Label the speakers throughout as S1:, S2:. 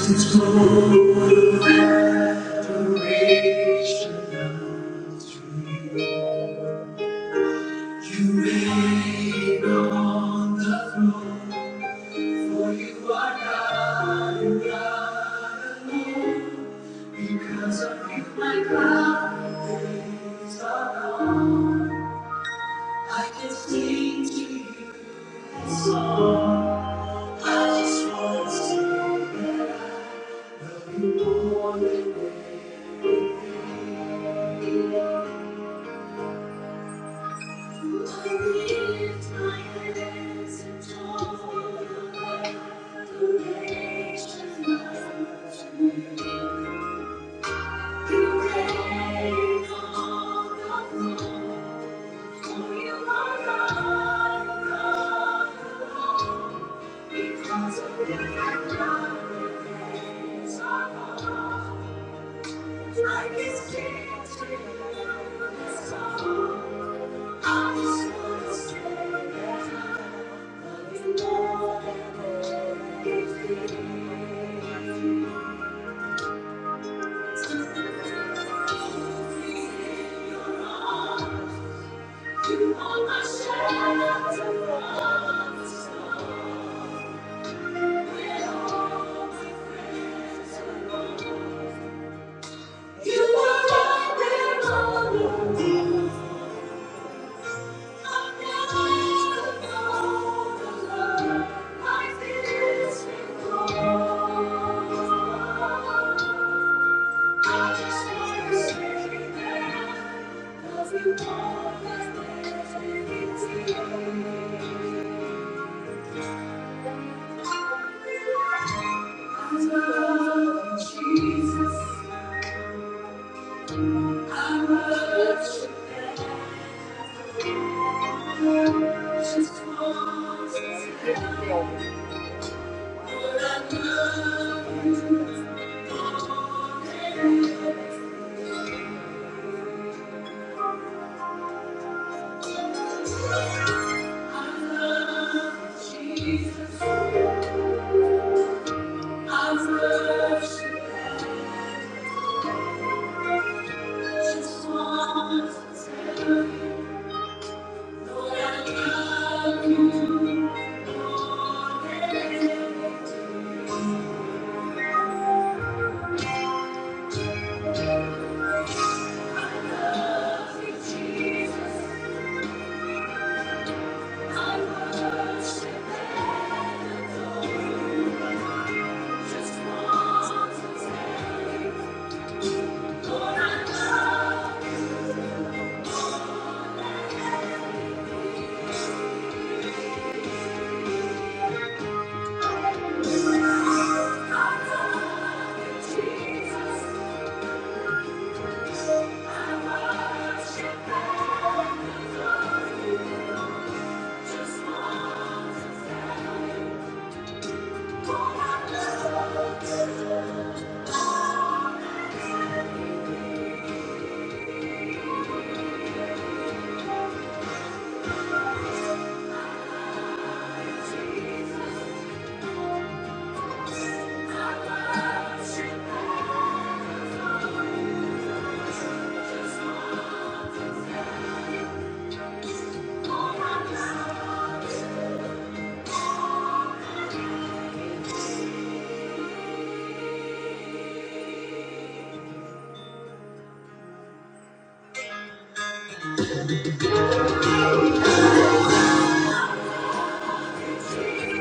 S1: It's adoration to you. You reign on the throne, for you are God and God alone. Because of you, my cloud days are gone. I can sing to you a song. I just want to love you more than ever. I lift my hands and talk for you. Thank you. Thank you. I love Jesus. I worship the Son. Lord, I love you. Lord, I love you, Jesus. I Just want to tell you, Lord, I love you. I love you, Jesus. Thank you.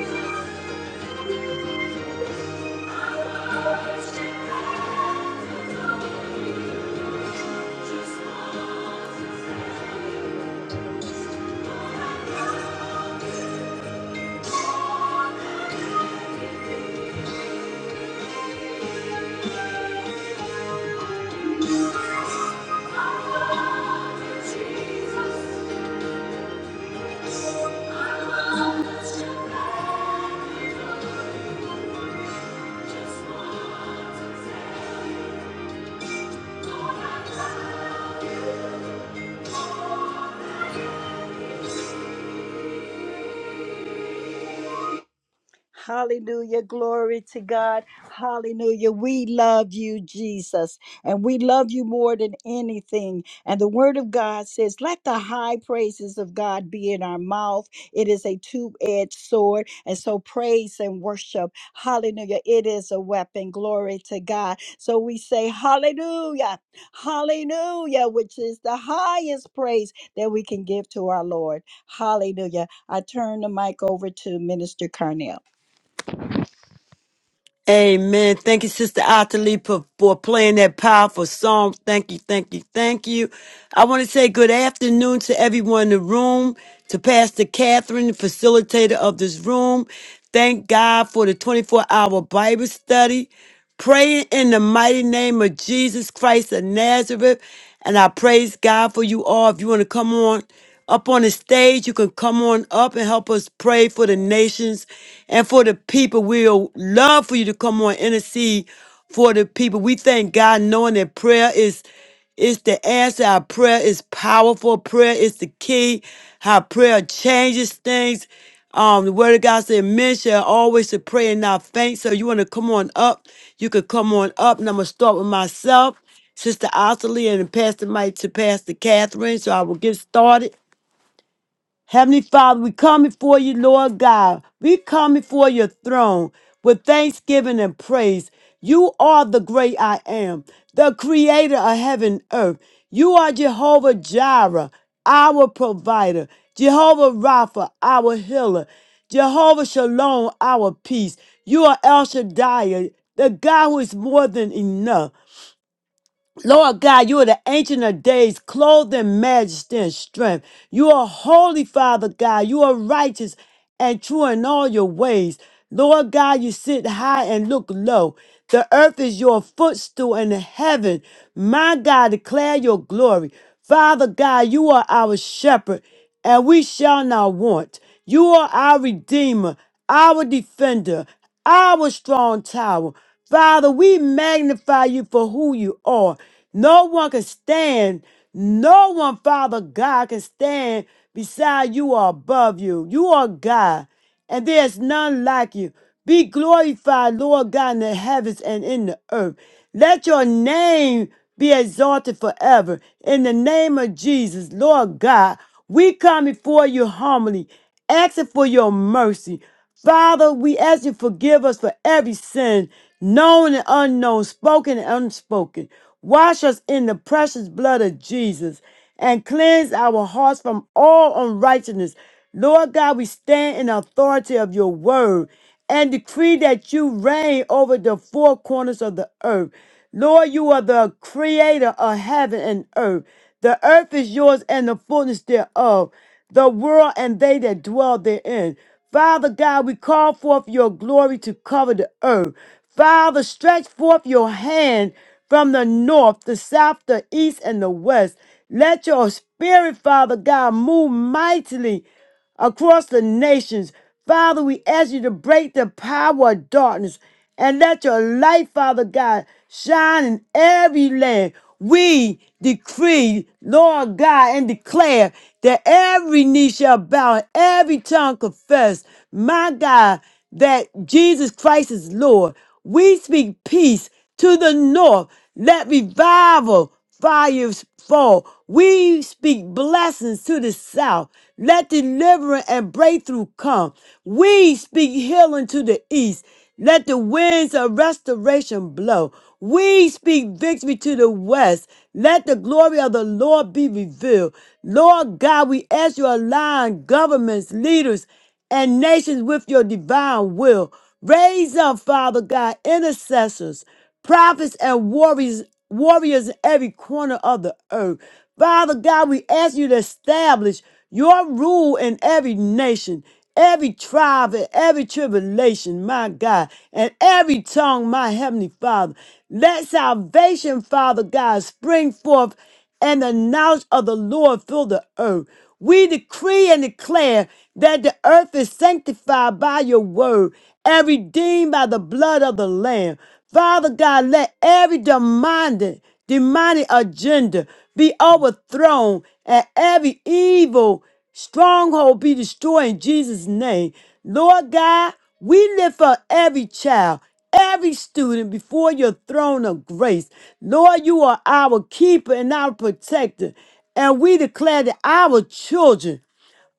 S1: Just want to say, Hallelujah. Glory to God. Hallelujah. We love you, Jesus, and we love you more than anything. And the word of God says, Let the high praises of God be in our mouth. It is a two edged sword. And so praise and worship. Hallelujah. It is a weapon. Glory to God. So we say, Hallelujah. Hallelujah, which is the highest praise that we can give to our Lord. Hallelujah. I turn the mic over to Minister Carnell.
S2: Amen. Thank you, Sister Atali, for, for playing that powerful song. Thank you, thank you, thank you. I want to say good afternoon to everyone in the room, to Pastor Catherine, the facilitator of this room. Thank God for the 24 hour Bible study. Praying in the mighty name of Jesus Christ of Nazareth. And I praise God for you all. If you want to come on up on the stage. You can come on up and help us pray for the nations and for the people. We'll love for you to come on intercede for the people. We thank God knowing that prayer is is the answer. Our prayer is powerful. Prayer is the key. How prayer changes things. Um, the word of God said, men shall always to pray and not faint. So you want to come on up, you could come on up. And I'm gonna start with myself. Sister Osley and then pass the mic to Pastor Catherine. So I will get started. Heavenly Father, we come before you, Lord God. We come before your throne with thanksgiving and praise. You are the great I am, the creator of heaven and earth. You are Jehovah Jireh, our provider, Jehovah Rapha, our healer, Jehovah Shalom, our peace. You are El Shaddai, the God who is more than enough. Lord God, you are the ancient of days, clothed in majesty and strength. You are holy, Father God. You are righteous and true in all your ways. Lord God, you sit high and look low. The earth is your footstool and the heaven, my God, declare your glory. Father God, you are our shepherd and we shall not want. You are our redeemer, our defender, our strong tower. Father, we magnify you for who you are. No one can stand. No one, Father God, can stand beside you or above you. You are God and there's none like you. Be glorified, Lord God, in the heavens and in the earth. Let your name be exalted forever. In the name of Jesus, Lord God, we come before you humbly, asking for your mercy. Father, we ask you to forgive us for every sin, known and unknown, spoken and unspoken. Wash us in the precious blood of Jesus and cleanse our hearts from all unrighteousness. Lord God, we stand in authority of your word and decree that you reign over the four corners of the earth. Lord, you are the creator of heaven and earth. The earth is yours and the fullness thereof, the world and they that dwell therein. Father God, we call forth your glory to cover the earth. Father, stretch forth your hand from the north, the south, the east, and the west. Let your spirit, Father God, move mightily across the nations. Father, we ask you to break the power of darkness and let your light, Father God, shine in every land. We decree, Lord God, and declare that every knee shall bow and every tongue confess, my God, that Jesus Christ is Lord. We speak peace to the north. Let revival fires fall. We speak blessings to the south. Let deliverance and breakthrough come. We speak healing to the east. Let the winds of restoration blow. We speak victory to the west. Let the glory of the Lord be revealed. Lord God, we ask you to align governments, leaders, and nations with your divine will. Raise up, Father God, intercessors prophets and warriors, warriors in every corner of the earth. Father God, we ask you to establish your rule in every nation, every tribe, and every tribulation, my God, and every tongue, my heavenly Father. Let salvation, Father God, spring forth and the knowledge of the Lord fill the earth. We decree and declare that the earth is sanctified by your word and redeemed by the blood of the Lamb. Father God, let every demanding, demonic agenda be overthrown and every evil Stronghold be destroyed in Jesus' name. Lord God, we lift up every child, every student before your throne of grace. Lord, you are our keeper and our protector. And we declare that our children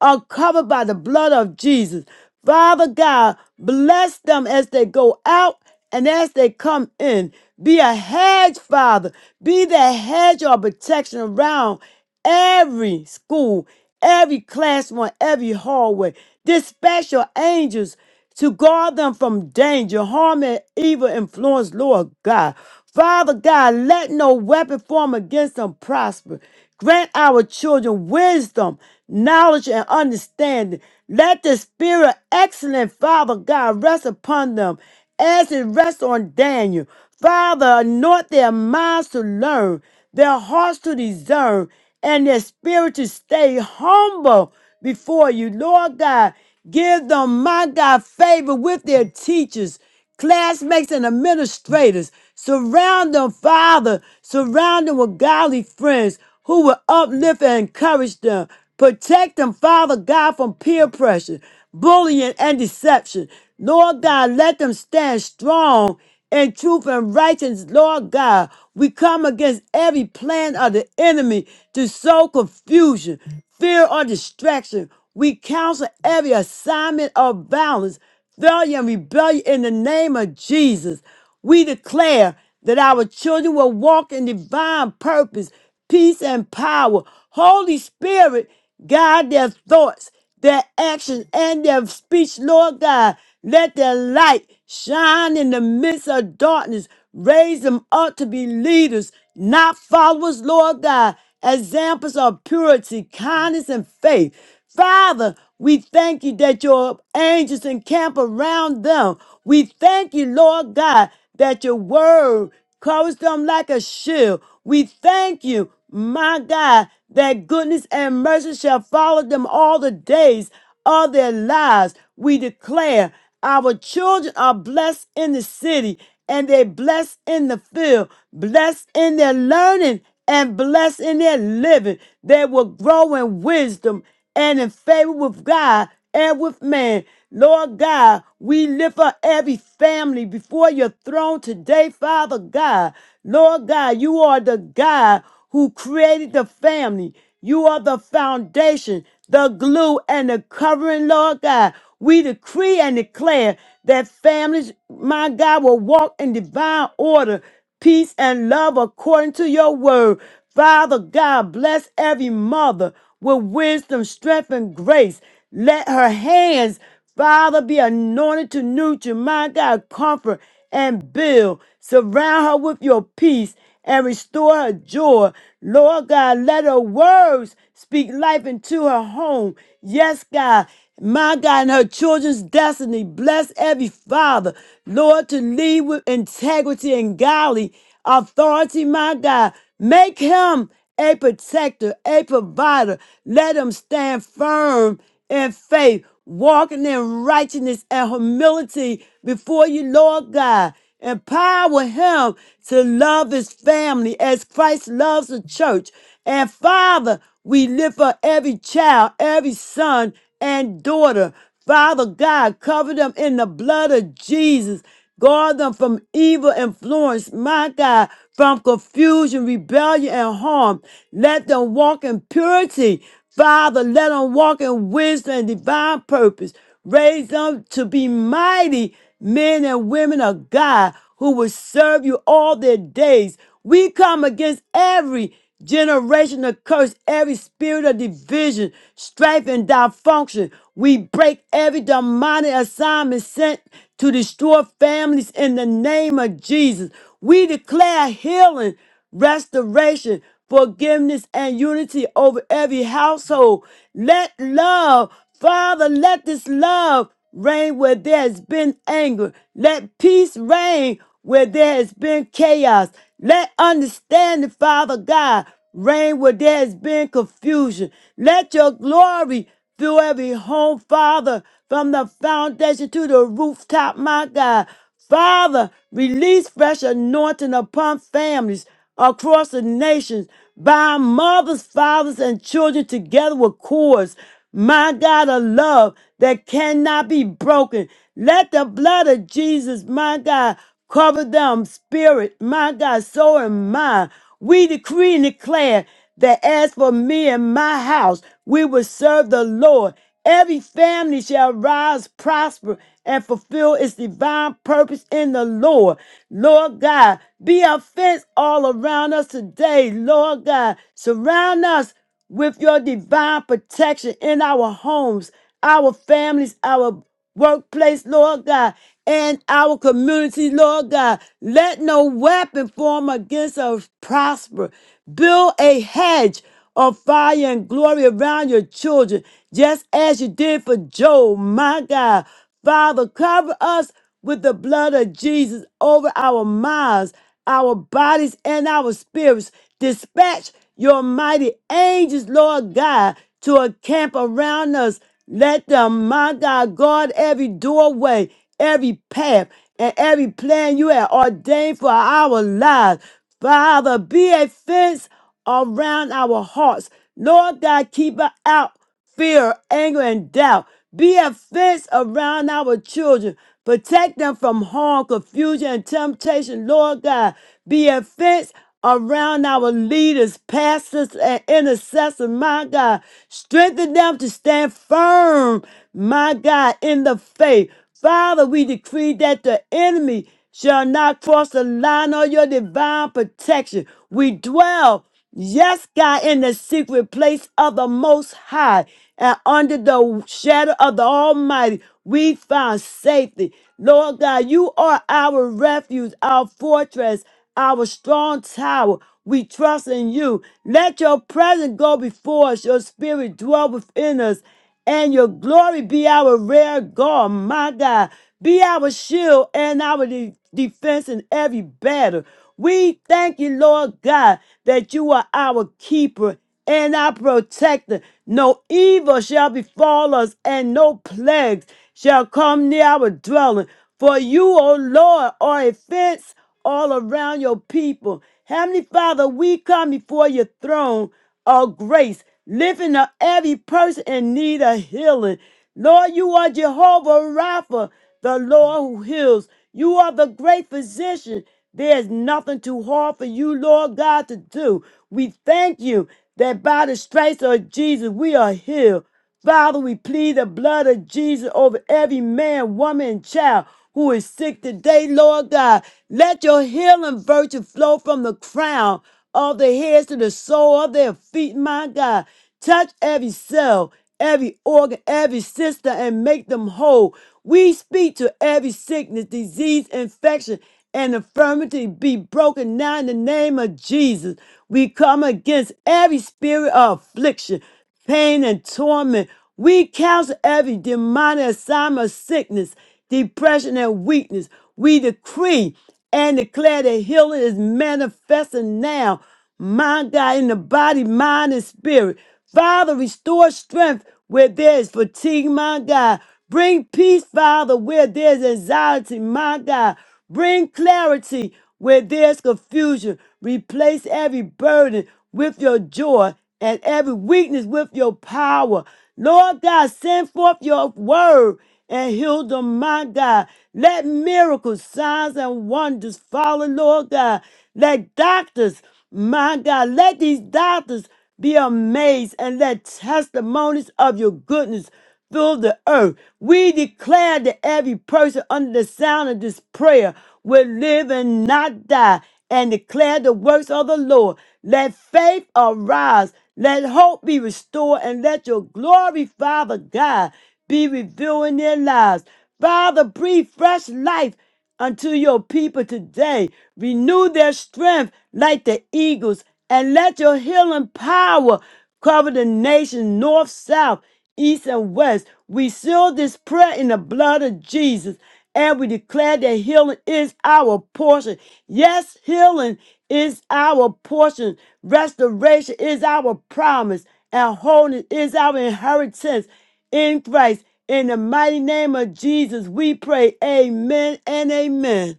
S2: are covered by the blood of Jesus. Father God, bless them as they go out and as they come in. Be a hedge, Father. Be the hedge of protection around every school, every classroom, every hallway. Dispatch your angels to guard them from danger, harm, and evil influence, Lord God. Father God, let no weapon form against them prosper. Grant our children wisdom, knowledge, and understanding. Let the spirit of excellent, Father God, rest upon them as it rests on Daniel. Father, anoint their minds to learn, their hearts to discern, and their spirit to stay humble before you. Lord God, give them, my God, favor with their teachers classmates and administrators. Surround them, Father. Surround them with godly friends who will uplift and encourage them. Protect them, Father God, from peer pressure, bullying, and deception. Lord God, let them stand strong in truth and righteousness, Lord God. We come against every plan of the enemy to sow confusion, fear, or distraction. We counsel every assignment of violence failure and rebellion in the name of Jesus. We declare that our children will walk in divine purpose, peace, and power. Holy Spirit, guide their thoughts, their actions, and their speech, Lord God. Let their light shine in the midst of darkness. Raise them up to be leaders, not followers, Lord God. Examples of purity, kindness, and faith. Father, we thank you that your angels encamp around them. We thank you, Lord God, that your word covers them like a shield. We thank you, my God, that goodness and mercy shall follow them all the days of their lives. We declare our children are blessed in the city and they blessed in the field, blessed in their learning and blessed in their living. They will grow in wisdom and in favor with God and with man. Lord God, we lift up every family before your throne today, Father God. Lord God, you are the God who created the family. You are the foundation, the glue, and the covering, Lord God. We decree and declare that families, my God, will walk in divine order, peace, and love according to your word. Father God, bless every mother with wisdom, strength, and grace. Let her hands, Father, be anointed to nurture, my God, comfort and build. Surround her with your peace and restore her joy. Lord God, let her words speak life into her home. Yes, God. My God, and her children's destiny. Bless every father, Lord, to lead with integrity and godly authority, my God. Make him a protector, a provider. Let him stand firm in faith, walking in righteousness and humility before you, Lord God. Empower him to love his family as Christ loves the church. And Father, we lift up every child, every son and daughter. Father God, cover them in the blood of Jesus. Guard them from evil influence, my God, from confusion, rebellion, and harm. Let them walk in purity. Father, let them walk in wisdom and divine purpose. Raise them to be mighty men and women of God who will serve you all their days. We come against every generational curse, every spirit of division, strife, and dysfunction. We break every demonic assignment sent to destroy families in the name of Jesus. We declare healing restoration, forgiveness, and unity over every household. Let love, Father, let this love reign where there has been anger. Let peace reign where there has been chaos. Let understanding, Father God, reign where there has been confusion. Let your glory fill every home, Father, from the foundation to the rooftop, my God. Father, release fresh anointing upon families across the nations, bind mothers, fathers, and children together with cords. My God of love that cannot be broken. Let the blood of Jesus, my God, cover them, spirit, my God, soul, and mind. We decree and declare that as for me and my house, we will serve the Lord. Every family shall rise, prosper, and fulfill its divine purpose in the Lord. Lord God, be a fence all around us today. Lord God, surround us with your divine protection in our homes, our families, our workplace, Lord God, and our community, Lord God. Let no weapon form against us prosper. Build a hedge of fire and glory around your children, just as you did for Job, my God. Father, cover us with the blood of Jesus over our minds our bodies and our spirits. Dispatch your mighty angels, Lord God, to a camp around us. Let them, my God, guard every doorway, every path, and every plan you have ordained for our lives. Father, be a fence around our hearts. Lord God, keep us out fear, anger, and doubt. Be a fence around our children. Protect them from harm, confusion, and temptation. Lord God, be a fence around our leaders, pastors, and intercessors. My God, strengthen them to stand firm, my God, in the faith. Father, we decree that the enemy shall not cross the line of your divine protection. We dwell, yes, God, in the secret place of the Most High and under the shadow of the Almighty. We find safety. Lord God, you are our refuge, our fortress, our strong tower. We trust in you. Let your presence go before us, your spirit dwell within us and your glory be our rear guard, my God. Be our shield and our de- defense in every battle. We thank you, Lord God, that you are our keeper and our protector. No evil shall befall us, and no plagues shall come near our dwelling. For you, O Lord, are a fence all around your people. Heavenly Father, we come before your throne of grace, lifting up every person in need of healing. Lord, you are Jehovah Rapha, the Lord who heals. You are the great physician. There is nothing too hard for you, Lord God, to do. We thank you that by the stripes of Jesus we are healed. Father, we plead the blood of Jesus over every man, woman, and child who is sick today, Lord God. Let your healing virtue flow from the crown of their heads to the sole of their feet, my God. Touch every cell, every organ, every system, and make them whole. We speak to every sickness, disease, infection, and infirmity be broken now in the name of Jesus. We come against every spirit of affliction pain and torment. We cancel every demonic assignment of sickness, depression, and weakness. We decree and declare that healing is manifesting now. My God, in the body, mind, and spirit. Father, restore strength where there is fatigue, my God. Bring peace, Father, where there is anxiety, my God. Bring clarity where there's confusion. Replace every burden with your joy and every weakness with your power. Lord God, send forth your word and heal them, my God. Let miracles, signs, and wonders follow, Lord God. Let doctors, my God, let these doctors be amazed and let testimonies of your goodness fill the earth. We declare that every person under the sound of this prayer will live and not die and declare the works of the Lord. Let faith arise. Let hope be restored and let your glory, Father God, be revealed in their lives. Father, breathe fresh life unto your people today. Renew their strength like the eagles, and let your healing power cover the nation north, south, east, and west. We seal this prayer in the blood of Jesus, and we declare that healing is our portion. Yes, healing is our portion, restoration is our promise, and wholeness is our inheritance in Christ. In the mighty name of Jesus, we pray. Amen and amen.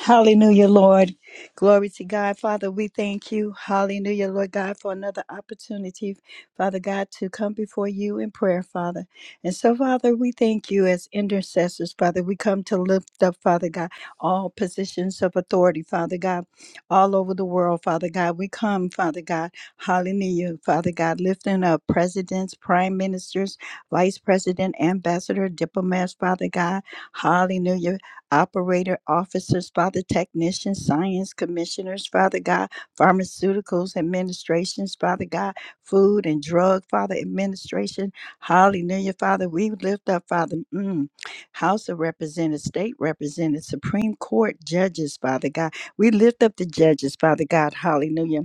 S1: Hallelujah, Lord. Glory to God. Father, we thank you. Hallelujah, Lord God, for another opportunity, Father God, to come before you in prayer, Father. And so, Father, we thank you as intercessors, Father. We come to lift up, Father God, all positions of authority, Father God, all over the world, Father God. We come, Father God, hallelujah, Father God, lifting up presidents, prime ministers, vice president, ambassador, diplomats, Father God. Hallelujah operator officers, Father, technicians, science commissioners, Father God, pharmaceuticals administrations, Father God, food and drug, Father, administration. Hallelujah, Father. We lift up, Father, mm, House of Representatives, State Representatives, Supreme Court judges, Father God. We lift up the judges, Father God. Hallelujah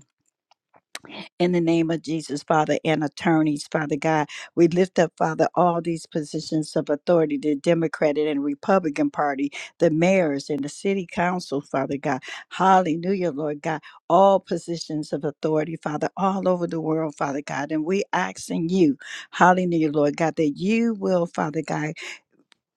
S1: in the name of Jesus, Father, and attorneys, Father God. We lift up, Father, all these positions of authority, the Democratic and Republican Party, the mayors and the city council, Father God. Hallelujah, Lord God. All positions of authority, Father, all over the world, Father God. And we asking you, hallelujah, Lord God, that you will, Father God,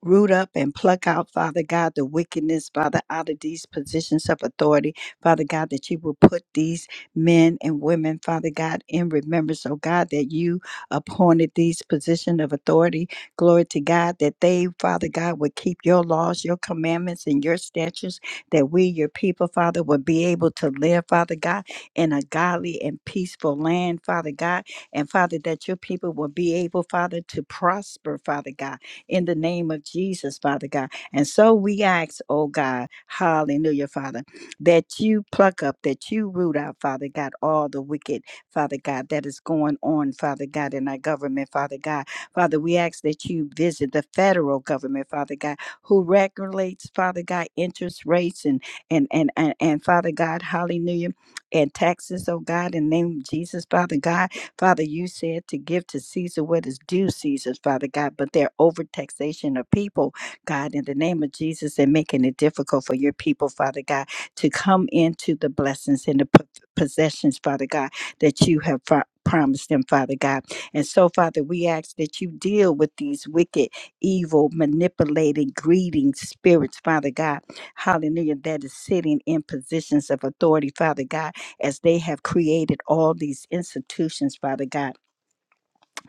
S1: Root up and pluck out, Father God, the wickedness, Father, out of these positions of authority, Father God, that you will put these men and women, Father God, in remembrance, oh God, that you appointed these position of authority. Glory to God, that they, Father God, would keep your laws, your commandments, and your statutes, that we, your people, Father, would be able to live, Father God, in a godly and peaceful land, Father God, and Father, that your people will be able, Father, to prosper, Father God in the name of Jesus, Father God. And so we ask, oh God, hallelujah, Father, that you pluck up, that you root out, Father God, all the wicked, Father God, that is going on, Father God, in our government, Father God. Father, we ask that you visit the federal government, Father God, who regulates, Father God, interest rates and and and and, and Father God, hallelujah, and taxes, oh God, in the name of Jesus, Father God. Father, you said to give to Caesar what is due Caesar's, Father God, but their overtaxation of people, God, in the name of Jesus, and making it difficult for your people, Father God, to come into the blessings and the po- possessions, Father God, that you have fro- promised them, Father God. And so, Father, we ask that you deal with these wicked, evil, manipulating, greedy spirits, Father God. Hallelujah, that is sitting in positions of authority, Father God as they have created all these institutions, Father God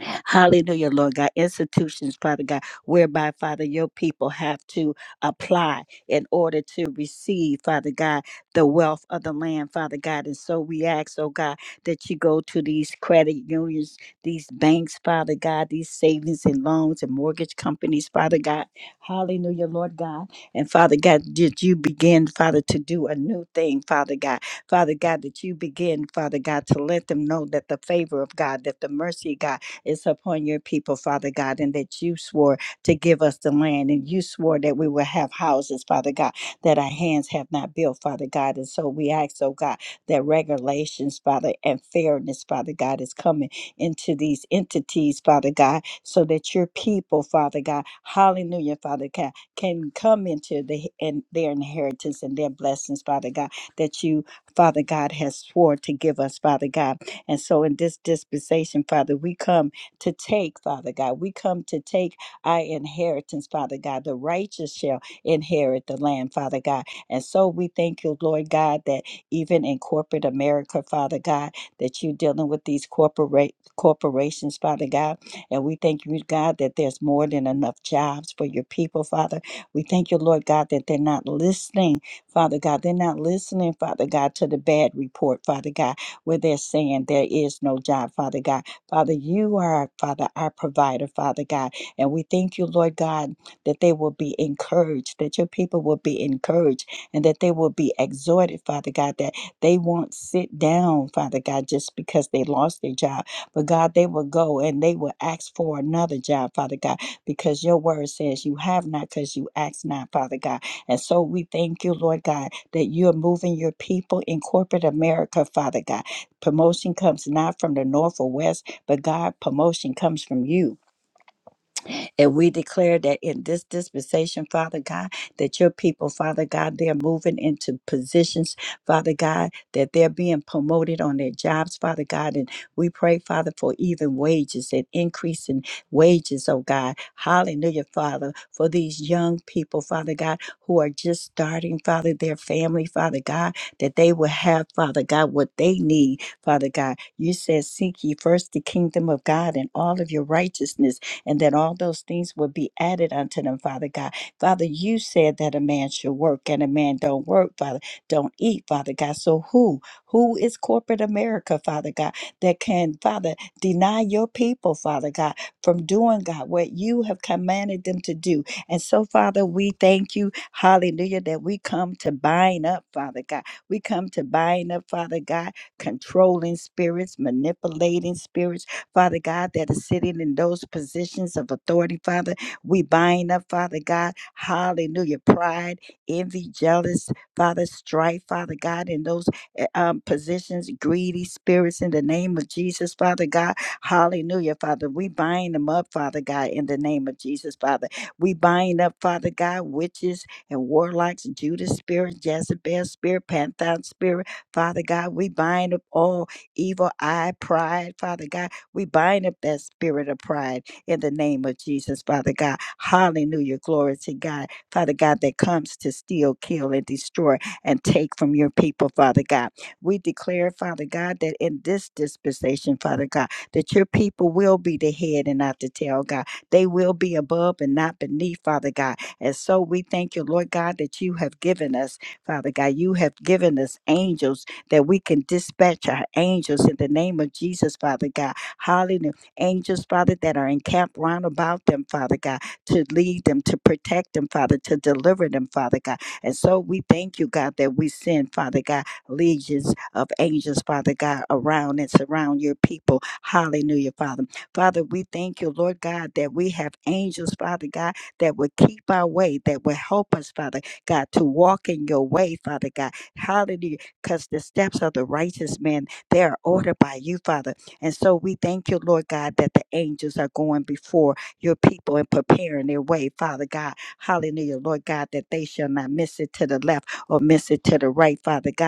S1: Hallelujah, Lord God. Institutions, Father God, whereby, Father, your people have to apply in order to receive, Father God, the wealth of the land, Father God. And so we ask, oh God, that you go to these credit unions, these banks, Father God, these savings and loans and mortgage companies, Father God. Hallelujah, Lord God. And Father God, did you begin, Father, to do a new thing, Father God? Father God, that you begin, Father God, to let them know that the favor of God, that the mercy of God, is upon your people, Father God, and that you swore to give us the land, and you swore that we will have houses, Father God, that our hands have not built, Father God. And so we ask, oh God, that regulations, Father, and fairness, Father God, is coming into these entities, Father God, so that your people, Father God, hallelujah, Father God, can come into the and their inheritance and their blessings, Father God, that you, Father God, has swore to give us, Father God. And so in this dispensation, Father, we come to take, Father God. We come to take our inheritance, Father God. The righteous shall inherit the land, Father God. And so we thank you, Lord God, that even in corporate America, Father God, that you're dealing with these corporate corporations, Father God. And we thank you, God, that there's more than enough jobs for your people, Father. We thank you, Lord God, that they're not listening, Father God. They're not listening, Father God, to the bad report, Father God, where they're saying there is no job, Father God Father, you are, Father, our provider, Father God. And we thank you, Lord God, that they will be encouraged, that your people will be encouraged, and that they will be exhorted, Father God, that they won't sit down, Father God, just because they lost their job. But God, they will go and they will ask for another job, Father God, because your word says you have not because you ask not, Father God. And so we thank you, Lord God, that you're moving your people in corporate America, Father God. Promotion comes not from the north or west but God, promotion comes from you. And we declare that in this dispensation, Father God, that your people, Father God, they're moving into positions, Father God, that they're being promoted on their jobs, Father God. And we pray, Father, for even wages and increase in wages, oh God. Hallelujah, Father, for these young people, Father God, who are just starting, Father, their family, Father God, that they will have, Father God, what they need, Father God. You said, Seek ye first the kingdom of God and all of your righteousness and that all those things would be added unto them, Father God. Father, you said that a man should work and a man don't work, Father, don't eat, Father God. So who? Who is corporate America, Father God, that can, Father, deny your people, Father God, from doing, God, what you have commanded them to do? And so, Father, we thank you, hallelujah, that we come to bind up, Father God. We come to bind up, Father God, controlling spirits, manipulating spirits. Father God, that is sitting in those positions of authority, Father. We bind up, Father God, hallelujah, pride, envy, jealous, Father, strife, Father God, in those eh, um, positions, greedy spirits in the name of Jesus, Father God, hallelujah, Father. We bind them up, Father God, in the name of Jesus, Father. We bind up, Father God, witches and warlocks, Judas spirit, Jezebel spirit, Pantheon spirit, Father God. We bind up all evil eye, pride, Father God. We bind up that spirit of pride in the name of Jesus, Father God. Hallelujah. Glory to God. Father God, that comes to steal, kill, and destroy and take from your people, Father God. We declare, Father God, that in this dispensation, Father God, that your people will be the head and not the tail, God. They will be above and not beneath, Father God. And so we thank you, Lord God, that you have given us, Father God, you have given us angels that we can dispatch our angels in the name of Jesus, Father God Hallelujah. Angels, Father, that are encamped round about them, Father God, to lead them, to protect them, Father, to deliver them, Father God. And so we thank you, God, that we send, Father God, legions of angels, Father God, around and surround your people. Hallelujah, Father. Father, we thank you, Lord God, that we have angels, Father God, that will keep our way, that will help us, Father God, to walk in your way, Father God. Hallelujah. Because the steps of the righteous man, they are ordered by you, Father. And so we thank you, Lord God, that the angels are going before your people and preparing their way, Father God. Hallelujah, Lord God, that they shall not miss it to the left or miss it to the right, Father God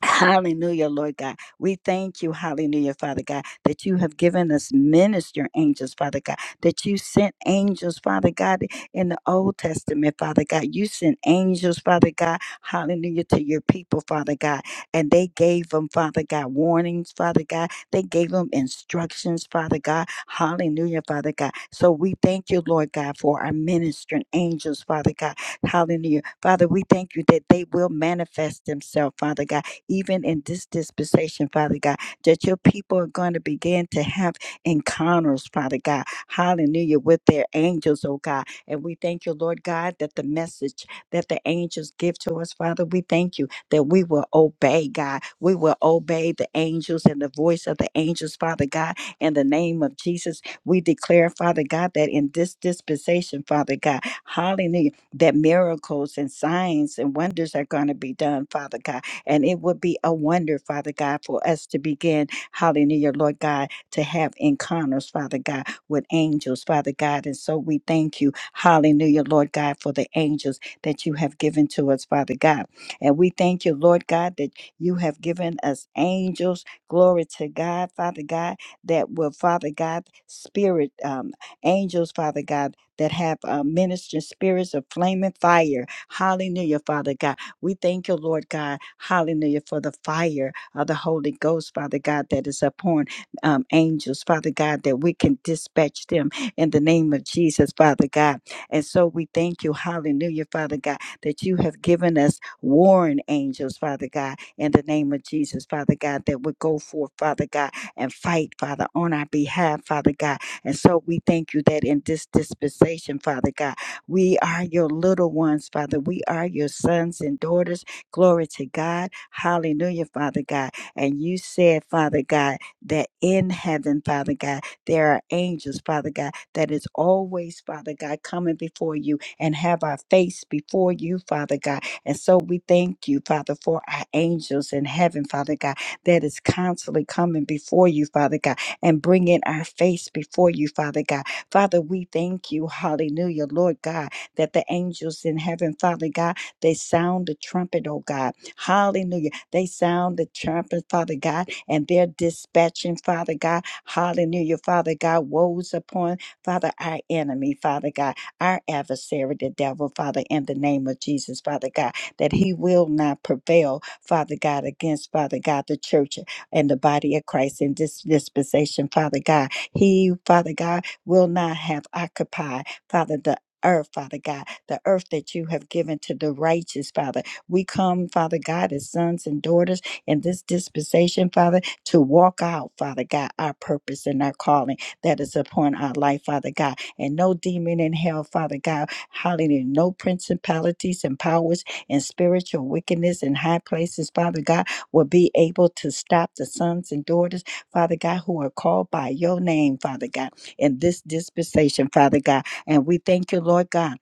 S1: Hallelujah, Lord God. We thank you, hallelujah, Father God, that you have given us minister angels, Father God, that you sent angels, Father God, in the Old Testament, Father God. You sent angels, Father God, hallelujah, to your people, Father God. And they gave them, Father God, warnings, Father God. They gave them instructions, Father God. Hallelujah, Father God. So we thank you, Lord God, for our ministering angels, Father God. Hallelujah. Father, we thank you that they will manifest themselves, Father God even in this dispensation, Father God, that your people are going to begin to have encounters, Father God. Hallelujah, with their angels, oh God. And we thank you, Lord God, that the message that the angels give to us, Father, we thank you that we will obey, God. We will obey the angels and the voice of the angels, Father God, in the name of Jesus. We declare, Father God, that in this dispensation, Father God, hallelujah, that miracles and signs and wonders are going to be done, Father God and it would be a wonder, Father God, for us to begin, hallelujah, Lord God, to have encounters, Father God, with angels, Father God. And so we thank you, hallelujah, Lord God, for the angels that you have given to us, Father God. And we thank you, Lord God, that you have given us angels. Glory to God, Father God, that will, Father God, spirit um, angels, Father God, that have uh, ministering spirits of flaming fire. Hallelujah, Father God we thank you, Lord God, hallelujah, for the fire of the Holy Ghost, Father God, that is upon um, angels, Father God, that we can dispatch them in the name of Jesus, Father God. And so we thank you, hallelujah, Father God, that you have given us warring angels, Father God, in the name of Jesus, Father God, that would go forth, Father God, and fight, Father, on our behalf, Father God. And so we thank you that in this dispensation, Father God, we are your little ones, Father. We are your sons and daughters. Glory to God. Hallelujah, Father God. And you said, Father God, that in heaven, Father God, there are angels, Father God, that is always, Father God, coming before you and have our face before you, Father God. And so we thank you, Father, for our angels in heaven, Father God, that is constantly coming before you, Father God, and bringing our face before you, Father God Father, we thank you, hallelujah, Lord God, that the angels in heaven, Father God, they sound the trumpet, oh God, hallelujah. They sound the trumpet, Father God, and they're dispatching, Father God, hallelujah, Father God, woes upon, Father, our enemy, Father God, our adversary, the devil, Father, in the name of Jesus, Father God, that he will not prevail, Father God, against, Father God, the church and the body of Christ in this dispensation, Father God. He, Father God, will not have occupied, Father, the earth, Father God, the earth that you have given to the righteous, Father. We come, Father God, as sons and daughters in this dispensation, Father, to walk out, Father God, our purpose and our calling that is upon our life, Father God. And no demon in hell, Father God, hallelujah, no principalities and powers and spiritual wickedness in high places, Father God, will be able to stop the sons and daughters, Father God, who are called by your name, Father God in this dispensation, Father God. And we thank you, Lord God.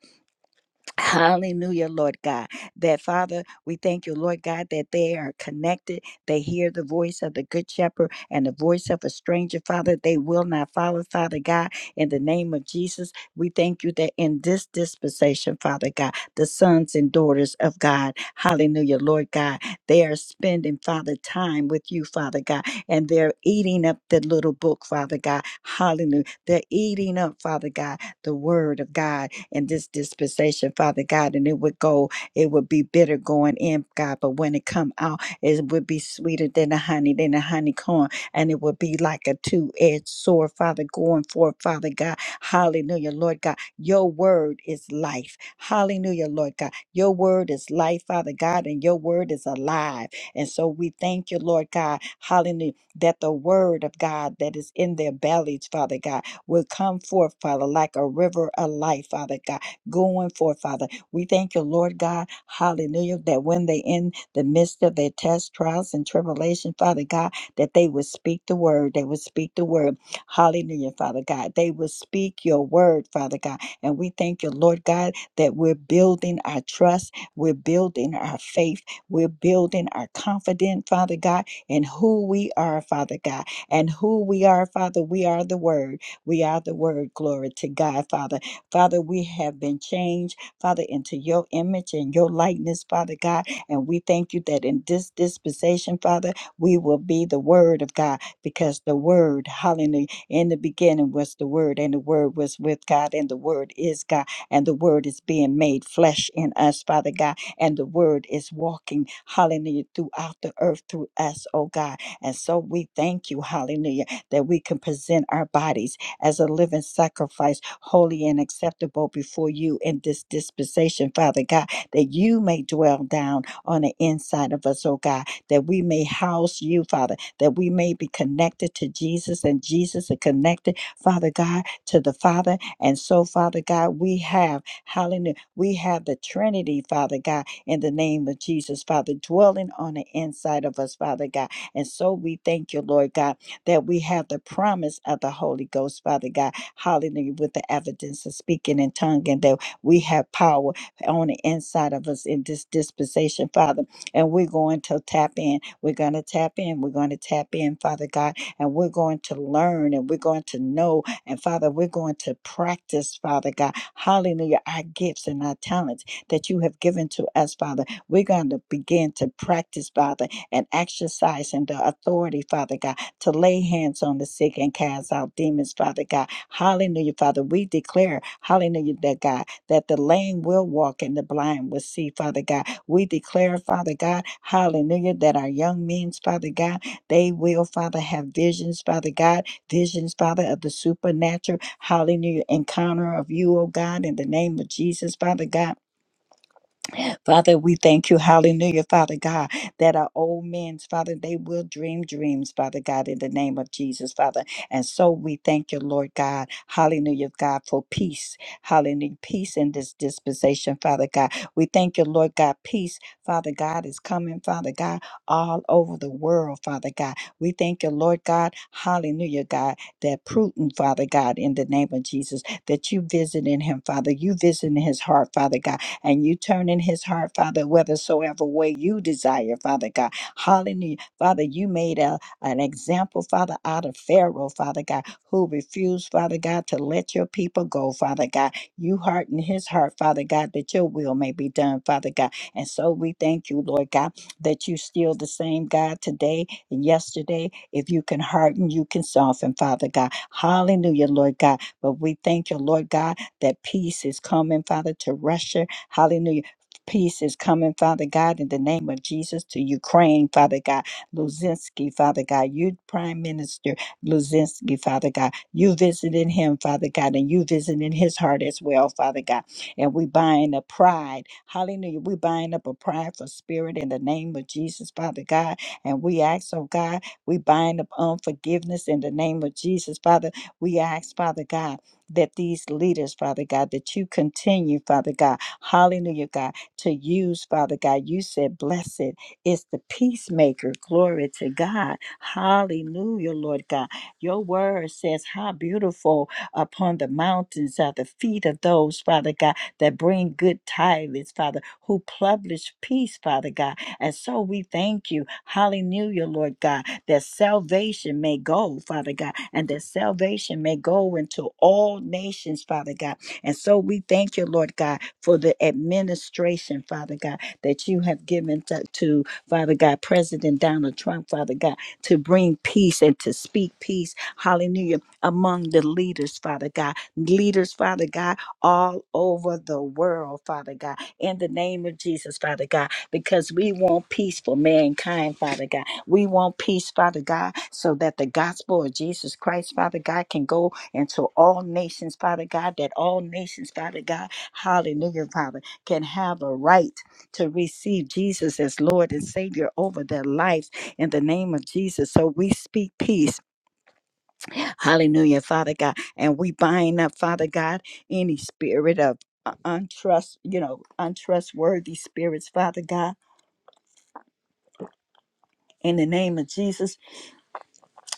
S1: Hallelujah, Lord God. That Father, we thank you, Lord God, that they are connected. They hear the voice of the Good Shepherd and the voice of a stranger, Father. They will not follow, Father God. In the name of Jesus, we thank you that in this dispensation, Father God, the sons and daughters of God, hallelujah, Lord God, they are spending, Father, time with you, Father God, and they're eating up the little book, Father God. Hallelujah. They're eating up, Father God, the word of God in this dispensation, Father God, and it would go, it would be bitter going in, God, but when it come out, it would be sweeter than the honey, than the honeycomb, and it would be like a two-edged sword, Father, going forth, Father God. Hallelujah, Lord God. Your word is life. Hallelujah, Lord God. Your word is life, Father God, and your word is alive. And so we thank you, Lord God, hallelujah, that the word of God that is in their bellies, Father God will come forth, Father, like a river of life, Father God, going forth, Father. We thank you, Lord God, hallelujah, that when they in the midst of their tests, trials, and tribulation, Father God, that they would speak the word. They would speak the word. Hallelujah, Father God. They would speak your word, Father God. And we thank you, Lord God, that we're building our trust. We're building our faith. We're building our confidence, Father God, in who we are, Father God. And who we are, Father, we are the word. We are the word. Glory to God, Father. Father, we have been changed, Father, into your image and your likeness, Father God. And we thank you that in this dispensation, Father, we will be the word of God because the word, hallelujah, in the beginning was the word, and the word was with God, and the word is God, and the word is being made flesh in us, Father God, and the word is walking, hallelujah, throughout the earth through us, oh God. And so we thank you, hallelujah, that we can present our bodies as a living sacrifice, holy and acceptable before you in this dispensation, Father God, that you may dwell down on the inside of us, oh God, that we may house you, Father, that we may be connected to Jesus and Jesus is connected, Father God, to the Father. And so, Father God, we have, hallelujah, we have the Trinity, Father God, in the name of Jesus, Father, dwelling on the inside of us, Father God. And so we thank you, Lord God that we have the promise of the Holy Ghost, Father God. Hallelujah, with the evidence of speaking in tongue, and that we have power on the inside of us in this dispensation, Father. And we're going to tap in. We're going to tap in. We're going to tap in, Father God. And we're going to learn and we're going to know. And Father, we're going to practice, Father God. Hallelujah, our gifts and our talents that you have given to us, Father. We're going to begin to practice, Father, and exercise in the authority, Father God to lay hands on the sick and cast out demons, Father God. Hallelujah, Father. We declare, hallelujah, that God, that the lame will walk and the blind will see, Father God. We declare, Father God, hallelujah, that our young men, Father God, they will, Father, have visions, Father God, visions, Father, of the supernatural, hallelujah, encounter of you, oh God, in the name of Jesus, Father God. Father, we thank you, hallelujah, Father God, that our old men's, Father, they will dream dreams, Father God, in the name of Jesus, Father. And so we thank you, Lord God, hallelujah, God, for peace, hallelujah, peace in this dispensation, Father God. We thank you, Lord God, peace, Father God, is coming, Father God, all over the world, Father God. We thank you, Lord God, hallelujah, God, that Putin, Father God, in the name of Jesus, that you visiting him, Father, you visiting his heart, Father God and you turn in his heart, Father, whithersoever way you desire, Father God. Hallelujah. Father, you made a, an example, Father, out of Pharaoh, Father God, who refused, Father God, to let your people go, Father God. You hearten his heart, Father God, that your will may be done, Father God. And so we thank you, Lord God, that you still the same God today and yesterday. If you can harden, you can soften, Father God. Hallelujah, Lord God. But we thank you, Lord God, that peace is coming, Father, to Russia Hallelujah. Peace is coming, Father God, in the name of Jesus to Ukraine, Father God. Luzinski, Father God, you Prime Minister Luzinski, Father God. You visited him, Father God, and you visited his heart as well, Father God. And we bind up pride. Hallelujah. We bind up a prideful spirit in the name of Jesus, Father God. And we ask, oh God, we bind up unforgiveness in the name of Jesus, Father. We ask, Father God, that these leaders, Father God, that you continue, Father God. Hallelujah, God. To use, Father God, you said, blessed is the peacemaker. Glory to God. Hallelujah, Lord God. Your word says, how beautiful upon the mountains are the feet of those, Father God, that bring good tidings, Father, who publish peace, Father God. And so we thank you, hallelujah, Lord God, that salvation may go, Father God, and that salvation may go into all nations, Father God and so we thank you, Lord God, for the administration, Father God, that you have given to, to, Father God, President Donald Trump, Father God, to bring peace and to speak peace, hallelujah, among the leaders, Father God. Leaders, Father God, all over the world, Father God, in the name of Jesus, Father God, because we want peace for mankind, Father God. We want peace, Father God, so that the gospel of Jesus Christ, Father God, can go and to all nations, Father God, that all nations, Father God, hallelujah, Father, can have a right to receive Jesus as Lord and Savior over their lives in the name of Jesus. So we speak peace, hallelujah, Father God, and we bind up, Father God, any spirit of uh, untrust, you know, untrustworthy spirits, Father God. In the name of Jesus,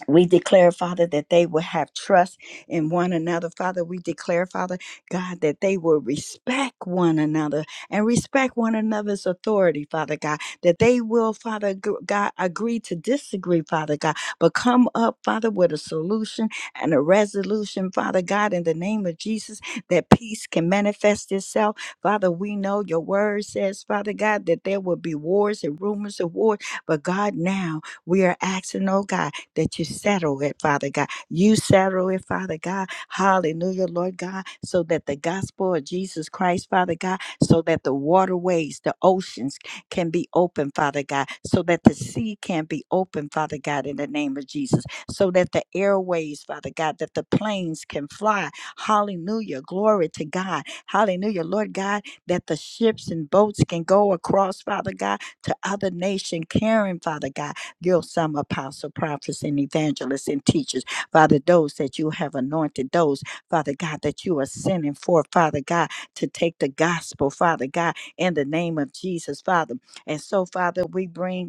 S1: We declare, Father, that they will have trust in one another. Father, we declare, Father, God, that they will respect one another and respect one another's authority, Father God. That they will, Father g- God, agree to disagree, Father God, but come up, Father, with a solution and a resolution, Father God, in the name of Jesus, that peace can manifest itself. Father, we know your word says, Father God, that there will be wars and rumors of war, but God, now we are asking, oh God that you settle it, Father God. You settle it, Father God. Hallelujah, Lord God, so that the gospel of Jesus Christ, Father God, so that the waterways, the oceans can be open, Father God, so that the sea can be open, Father God, in the name of Jesus, so that the airways, Father God, that the planes can fly. Hallelujah, glory to God. Hallelujah, Lord God, that the ships and boats can go across, Father God, to other nation, caring, Father God Give some apostle, prophets, and evangelists and teachers. Father, those that you have anointed, those, Father God, that you are sending forth, Father God, to take the gospel, Father God, in the name of Jesus, Father. And so, Father, we bring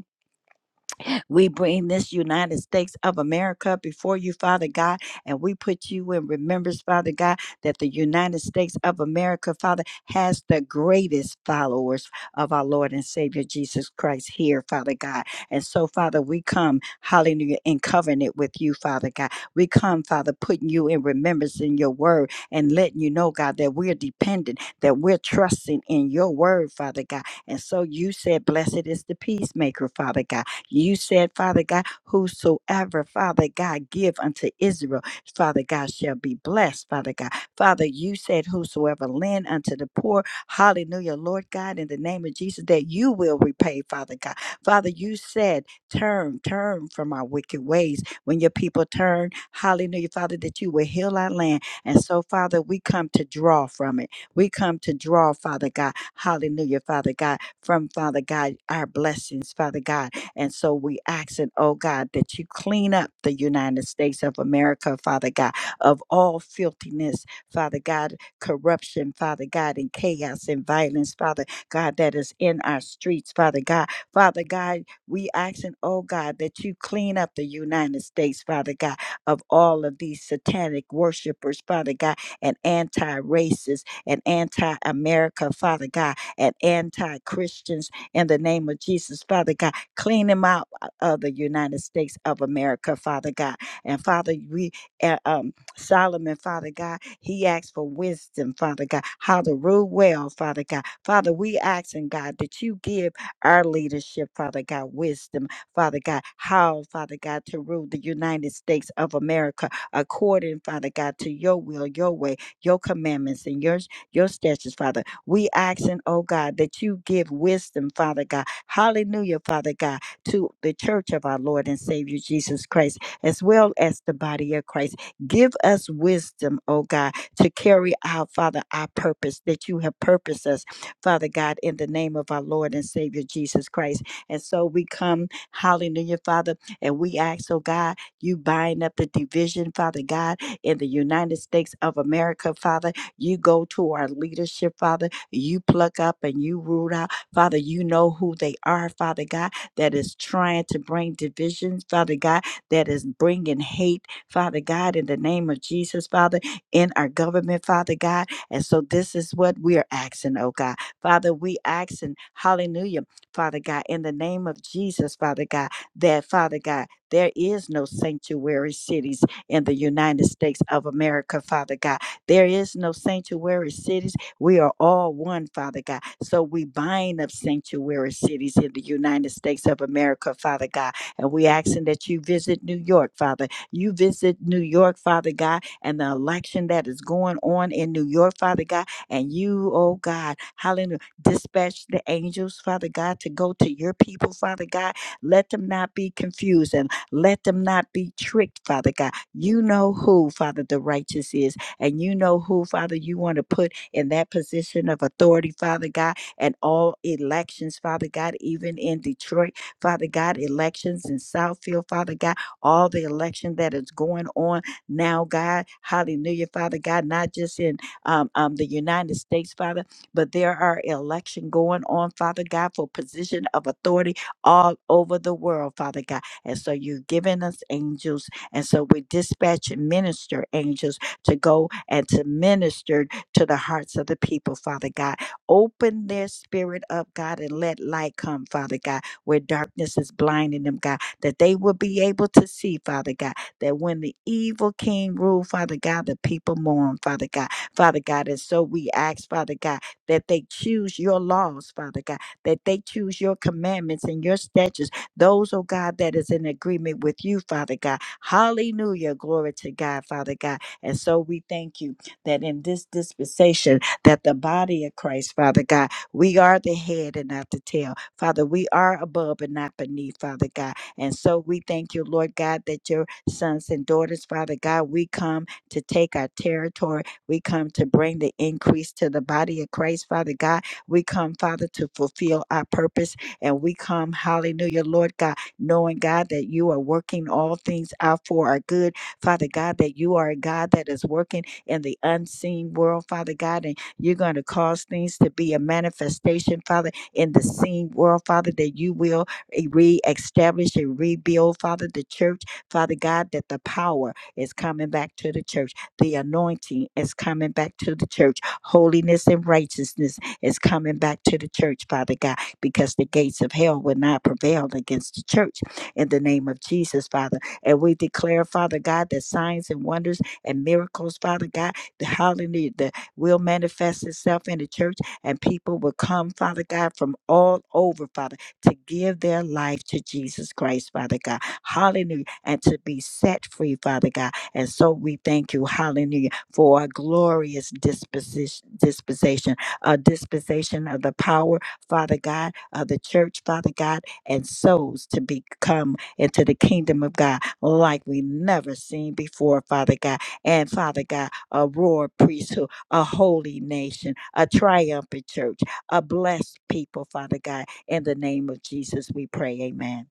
S1: we bring this United States of America before you, Father God, and we put you in remembrance, Father God, that the United States of America, Father, has the greatest followers of our Lord and Savior Jesus Christ here, Father God. And so, Father, we come, hallelujah, in covenant with you, Father God. We come, Father, putting you in remembrance in your word and letting you know, God, that we're dependent, that we're trusting in your word, Father God. And so you said, Blessed is the peacemaker, Father God. You said, Father God, whosoever, Father God, give unto Israel, Father God, shall be blessed, Father God. Father, you said, whosoever lend unto the poor, hallelujah, Lord God, in the name of Jesus, that you will repay, Father God. Father, you said, turn, turn from our wicked ways. When your people turn, hallelujah, Father, that you will heal our land. And so, Father, we come to draw from it. We come to draw, Father God, hallelujah, Father God, from Father God, our blessings, Father God and so we ask it, oh God, that you clean up the United States of America, Father God, of all filthiness, Father God, corruption, Father God, and chaos and violence, Father God, that is in our streets, Father God. Father God, we asking, oh God, that you clean up the United States, Father God, of all of these satanic worshipers, Father God, and anti-racist and anti-America, Father God, and anti-Christians in the name of Jesus, Father God Clean them out of the United States of America, Father God. And Father, we uh, um, Solomon, Father God, he asked for wisdom, Father God, how to rule well, Father God. Father, we asking God that you give our leadership, Father God, wisdom, Father God, how, Father God, to rule the United States of America according, Father God, to your will, your way, your commandments, and your your statutes, Father. We asking, oh God, that you give wisdom, Father God, Hallelujah, Father God, to the church of our Lord and Savior Jesus Christ, as well as the body of Christ. Give us wisdom, oh God, to carry out, Father, our purpose that you have purposed us, Father God, in the name of our Lord and Savior Jesus Christ. And so we come, hallelujah, Father, and we ask, oh God, you bind up the division, Father God, in the United States of America, Father. You go to our leadership, Father. You pluck up and you root out. Father, you know who they are, Father God, that is trying to bring divisions, Father God, that is bringing hate, Father God, in the name of Jesus, Father, in our government, Father God. And so this is what we are asking, oh God. Father, we asking, hallelujah, Father God, in the name of Jesus, Father God, that, Father God, there is no sanctuary cities in the United States of America, Father God. There is no sanctuary cities we are all one, Father God. So we bind up sanctuary cities in the United States of America, Father God. And we asking that you visit New York, Father. You visit New York, Father God, and the election that is going on in New York, Father God. And you, oh God, hallelujah, dispatch the angels, Father God, to go to your people, Father God. Let them not be confused and let them not be tricked, Father God. You know who, Father, the righteous is, and you know who, Father, you want to put in that position of authority, Father God, and all elections, Father God, even in Detroit, Father God, elections in Southfield, Father God, all the election that is going on now, God, hallelujah, Father God, not just in um, um, the United States, Father, but there are election going on, Father God, for position of authority all over the world, Father God. And so you've given us angels. And so we dispatch and minister angels to go and to minister to the hearts of the people, Father God. Open their spirit up, God, and let light come, Father God, where darkness is blinding them, God, that they will be able to see, Father God, that when the evil king ruled, Father God, the people mourn, Father God. Father God, and so we ask, Father God, that they choose your laws, Father God, that they choose your commandments and your statutes, those, oh God, that is in agreement with you, Father God. Hallelujah. Glory to God, Father God. And so we thank you that in this dispensation that the body of Christ, Father God, we are the head and not the tail. Father, we are above and not beneath, Father God. And so we thank you, Lord God, that your sons and daughters, Father God, we come to take our territory. We come to bring the increase to the body of Christ, Father God. We come, Father, to fulfill our purpose. And we come, hallelujah, Lord God, knowing, God, that you are working all things out for our good. Father God, that you are a God that is working in the unseen world, Father God. And you're going to cause things to be a manifestation, Father, in the seen world, Father, that you will e, reestablish and rebuild, Father, the church, Father God, that the power is coming back to the church. The anointing is coming back to the church. Holiness and righteousness is coming back to the church, Father God, because the gates of hell will not prevail against the church in the name of Jesus, Father. And we declare, Father God, that signs and wonders and miracles, Father God. The hallelujah that will manifest itself in the church, and people will come, Father God, from all over, Father, to give their life to Jesus Christ, Father God. Hallelujah. And to be set free, Father God. And so we thank you, hallelujah, for a glorious disposition, disposition, a dispensation of the power, Father God, of the church, Father God, and souls to become into the kingdom of God like we never seen before, Father God and Father God, a royal priesthood, a holy nation, a triumphant church, a blessed people, Father God. In the name of Jesus, we pray. Amen.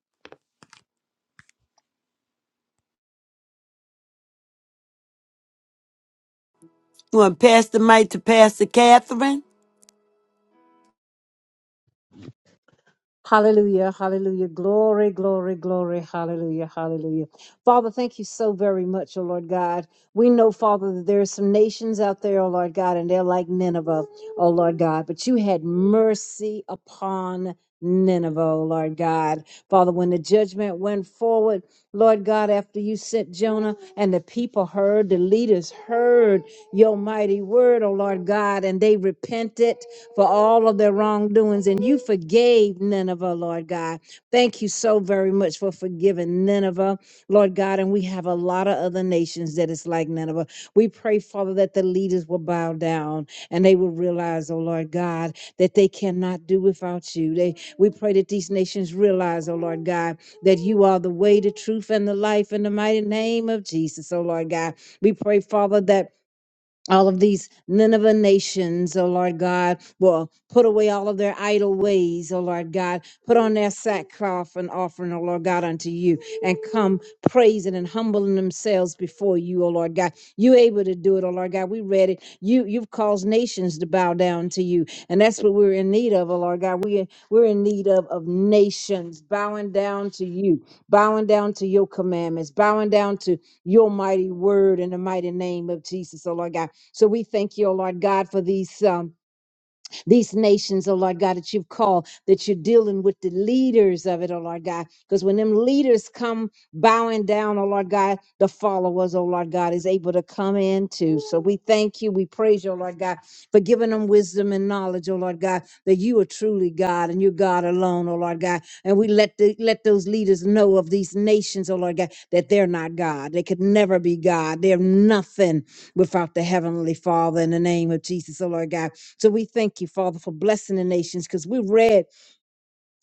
S2: You Want to pass the mic to Pastor Catherine?
S3: Hallelujah, hallelujah. Glory, glory, glory. Hallelujah, hallelujah. Father, thank you so very much, oh Lord God. We know, Father, that there are some nations out there, oh Lord God, and they're like Nineveh, oh Lord God. But you had mercy upon Nineveh, oh Lord God. Father, when the judgment went forward, Lord God, after you sent Jonah and the people heard, the leaders heard your mighty word, oh Lord God, and they repented for all of their wrongdoings, and you forgave Nineveh, Lord God. Thank you so very much for forgiving Nineveh, Lord God. And we have a lot of other nations that is like Nineveh. We pray, Father, that the leaders will bow down and they will realize, oh Lord God, that they cannot do without you. They we pray that these nations realize, oh Lord God, that you are the way, the truth, and the life in the mighty name of Jesus, oh Lord God. We pray, Father, that all of these Nineveh nations, oh Lord God, will put away all of their idle ways, oh Lord God, put on their sackcloth and offering, oh Lord God, unto you, and come praising and humbling themselves before you, oh Lord God. You able to do it, oh Lord God. We read it. You you've caused nations to bow down to you. And that's what we're in need of, oh Lord God. We we're in need of of nations bowing down to you, bowing down to your commandments, bowing down to your mighty word in the mighty name of Jesus, oh Lord God. So we thank you, O Lord God, for these. Um, these nations, oh Lord God, that you've called, that you're dealing with the leaders of it, oh Lord God. Because when them leaders come bowing down, oh Lord God, the followers, oh Lord God, is able to come in too. So we thank you. We praise you, oh Lord God, for giving them wisdom and knowledge, oh Lord God, that you are truly God and you're God alone, oh Lord God. And we let the, let those leaders know of these nations, oh Lord God, that they're not God. They could never be God. They're nothing without the Heavenly Father in the name of Jesus, oh Lord God. So we thank you, Father, for blessing the nations because we read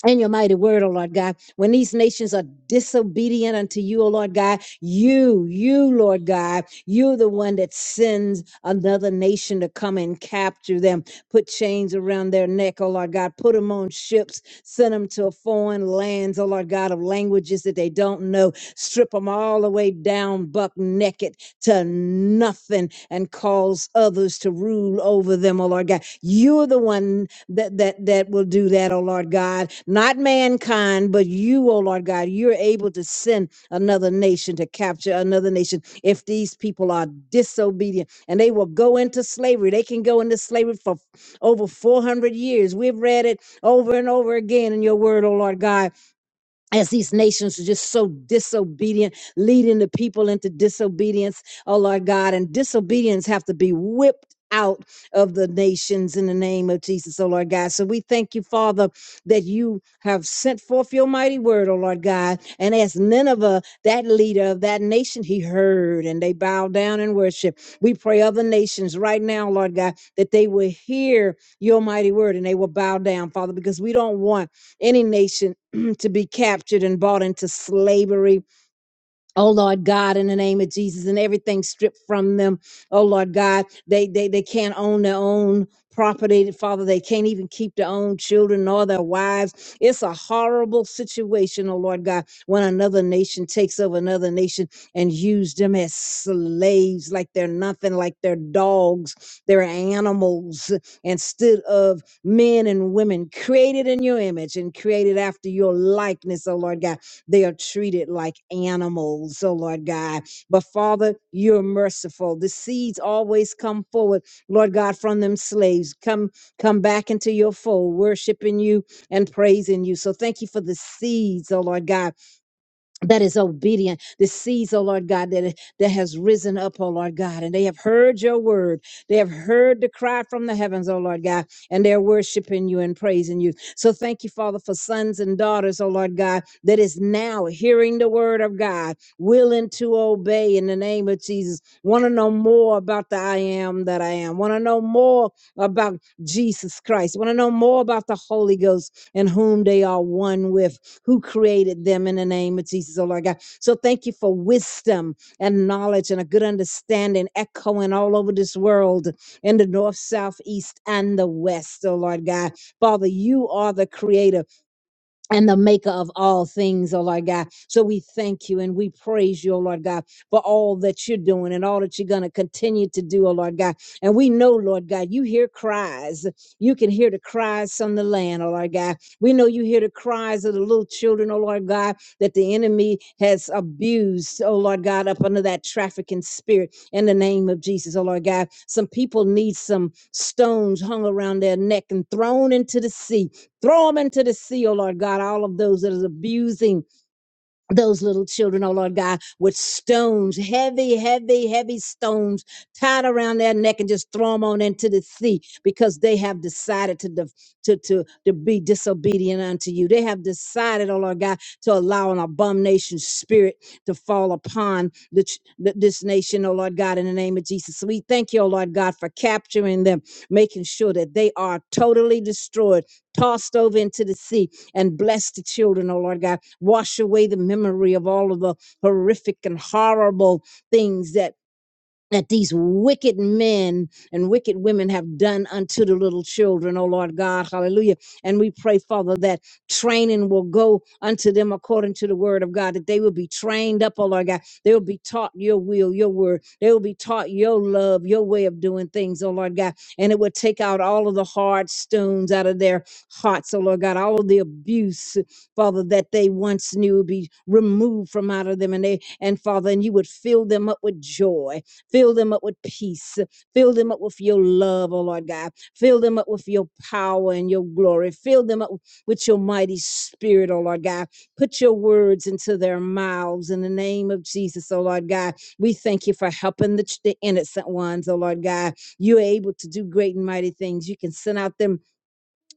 S3: and your mighty word, O Lord God. When these nations are disobedient unto you, O Lord God, you, you, Lord God, you're the one that sends another nation to come and capture them, put chains around their neck, O Lord God, put them on ships, send them to foreign lands, O Lord God, of languages that they don't know, strip them all the way down, buck naked to nothing, and cause others to rule over them, O Lord God. You're the one that that that will do that, oh Lord God. Not mankind, but you, oh Lord God. You're able to send another nation to capture another nation if these people are disobedient and they will go into slavery. They can go into slavery for over 400 years. We've read it over and over again in your word, oh Lord God as these nations are just so disobedient, leading the people into disobedience, oh Lord God, and disobedience have to be whipped out of the nations in the name of Jesus, oh Lord God. So we thank you, Father, that you have sent forth your mighty word, oh Lord God. And as Nineveh, that leader of that nation, he heard and they bowed down and worship. We pray other nations right now, Lord God, that they will hear your mighty word and they will bow down, Father, because we don't want any nation to be captured and bought into slavery Oh Lord God, in the name of Jesus, and everything stripped from them. Oh Lord God, they they they can't own their own property, Father. They can't even keep their own children nor their wives. It's a horrible situation, oh Lord God, when another nation takes over another nation and use them as slaves, like they're nothing, like they're dogs, they're animals, instead of men and women created in your image and created after your likeness, oh Lord God. They are treated like animals, oh Lord God. But Father, you're merciful. The seeds always come forward, Lord God, from them slaves. Come, come back into your fold, worshiping you and praising you. So thank you for the seeds, oh Lord God that is obedient. The seeds, oh Lord God, that, that has risen up, oh Lord God, and they have heard your word. They have heard the cry from the heavens, oh Lord God, and they're worshiping you and praising you. So thank you, Father, for sons and daughters, oh Lord God, that is now hearing the word of God, willing to obey in the name of Jesus. Want to know more about the I am that I am. Want to know more about Jesus Christ. Want to know more about the Holy Ghost and whom they are one with who created them in the name of Jesus, oh Lord God. So thank you for wisdom and knowledge and a good understanding echoing all over this world in the north, south, east, and the west, oh Lord God. Father, you are the creator and the maker of all things, oh Lord God. So we thank you and we praise you, oh Lord God, for all that you're doing and all that you're going to continue to do, oh Lord God. And we know, Lord God, you hear cries. You can hear the cries from the land, oh Lord God. We know you hear the cries of the little children, oh Lord God, that the enemy has abused, oh Lord God, up under that trafficking spirit in the name of Jesus, oh Lord God. Some people need some stones hung around their neck and thrown into the sea Throw them into the sea, oh Lord God, all of those that is abusing those little children, oh Lord God, with stones, heavy, heavy, heavy stones tied around their neck and just throw them on into the sea because they have decided to, def- to, to, to be disobedient unto you. They have decided, oh Lord God, to allow an abomination spirit to fall upon the, ch- th- this nation, oh Lord God, in the name of Jesus. So we thank you, oh Lord God, for capturing them, making sure that they are totally destroyed, tossed over into the sea, and bless the children, oh Lord God. Wash away the memory of all of the horrific and horrible things that that these wicked men and wicked women have done unto the little children, oh Lord God, hallelujah. And we pray, Father, that training will go unto them according to the word of God, that they will be trained up, oh Lord God. They will be taught your will, your word. They will be taught your love, your way of doing things, oh Lord God. And it will take out all of the hard stones out of their hearts, oh Lord God, all of the abuse, Father, that they once knew would be removed from out of them. And they and Father, and you would fill them up with joy Fill them up with peace. Fill them up with your love, oh Lord God. Fill them up with your power and your glory. Fill them up with your mighty spirit, oh Lord God. Put your words into their mouths in the name of Jesus, oh Lord God. We thank you for helping the, the innocent ones, oh Lord God. You're able to do great and mighty things. You can send out them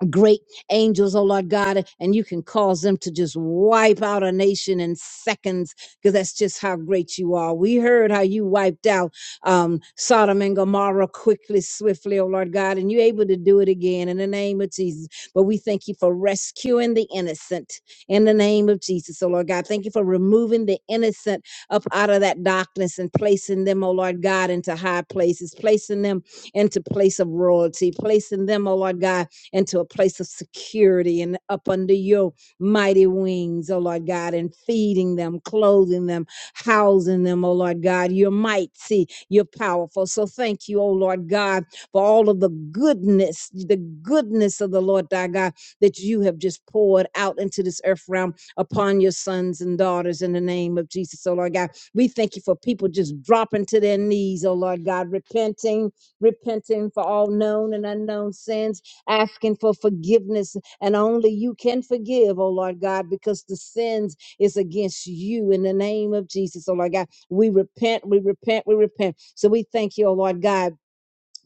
S3: great angels, oh Lord God, and you can cause them to just wipe out a nation in seconds because that's just how great you are. We heard how you wiped out um, Sodom and Gomorrah quickly, swiftly, oh Lord God, and you're able to do it again in the name of Jesus. But we thank you for rescuing the innocent in the name of Jesus, oh Lord God. Thank you for removing the innocent up out of that darkness and placing them, oh Lord God, into high places, placing them into place of royalty, placing them, oh Lord God into a place of security and up under your mighty wings, oh Lord God, and feeding them, clothing them, housing them, oh Lord God. You're mighty, you're powerful. So thank you, oh Lord God, for all of the goodness, the goodness of the Lord thy God that you have just poured out into this earth realm upon your sons and daughters in the name of Jesus, oh Lord God. We thank you for people just dropping to their knees, oh Lord God, repenting, repenting for all known and unknown sins asking for forgiveness. And only you can forgive, oh Lord God, because the sins is against you in the name of Jesus, oh Lord God. We repent, we repent, we repent. So we thank you, oh Lord God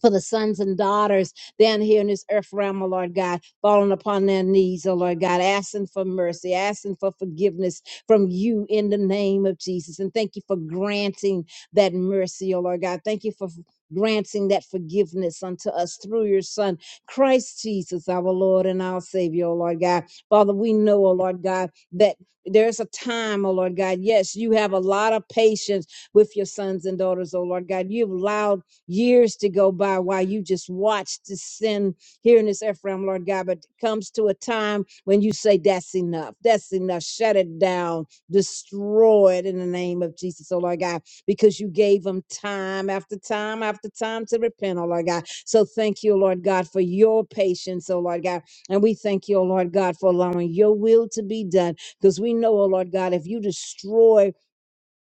S3: for the sons and daughters down here in this earth realm, oh Lord God, falling upon their knees, oh Lord God, asking for mercy, asking for forgiveness from you in the name of Jesus. And thank you for granting that mercy, oh Lord God. Thank you for granting that forgiveness unto us through your son, Christ Jesus, our Lord and our Savior, oh Lord God. Father, we know, oh Lord God, that there's a time, oh Lord God. Yes, you have a lot of patience with your sons and daughters, oh Lord God. You've allowed years to go by while you just watch the sin here in this Ephraim, Lord God. But it comes to a time when you say, That's enough. That's enough. Shut it down. Destroy it in the name of Jesus, oh Lord God, because you gave them time after time after time to repent, oh Lord God. So thank you, Lord God, for your patience, oh Lord God. And we thank you, oh Lord God, for allowing your will to be done. Because we know, oh Lord God, if you destroy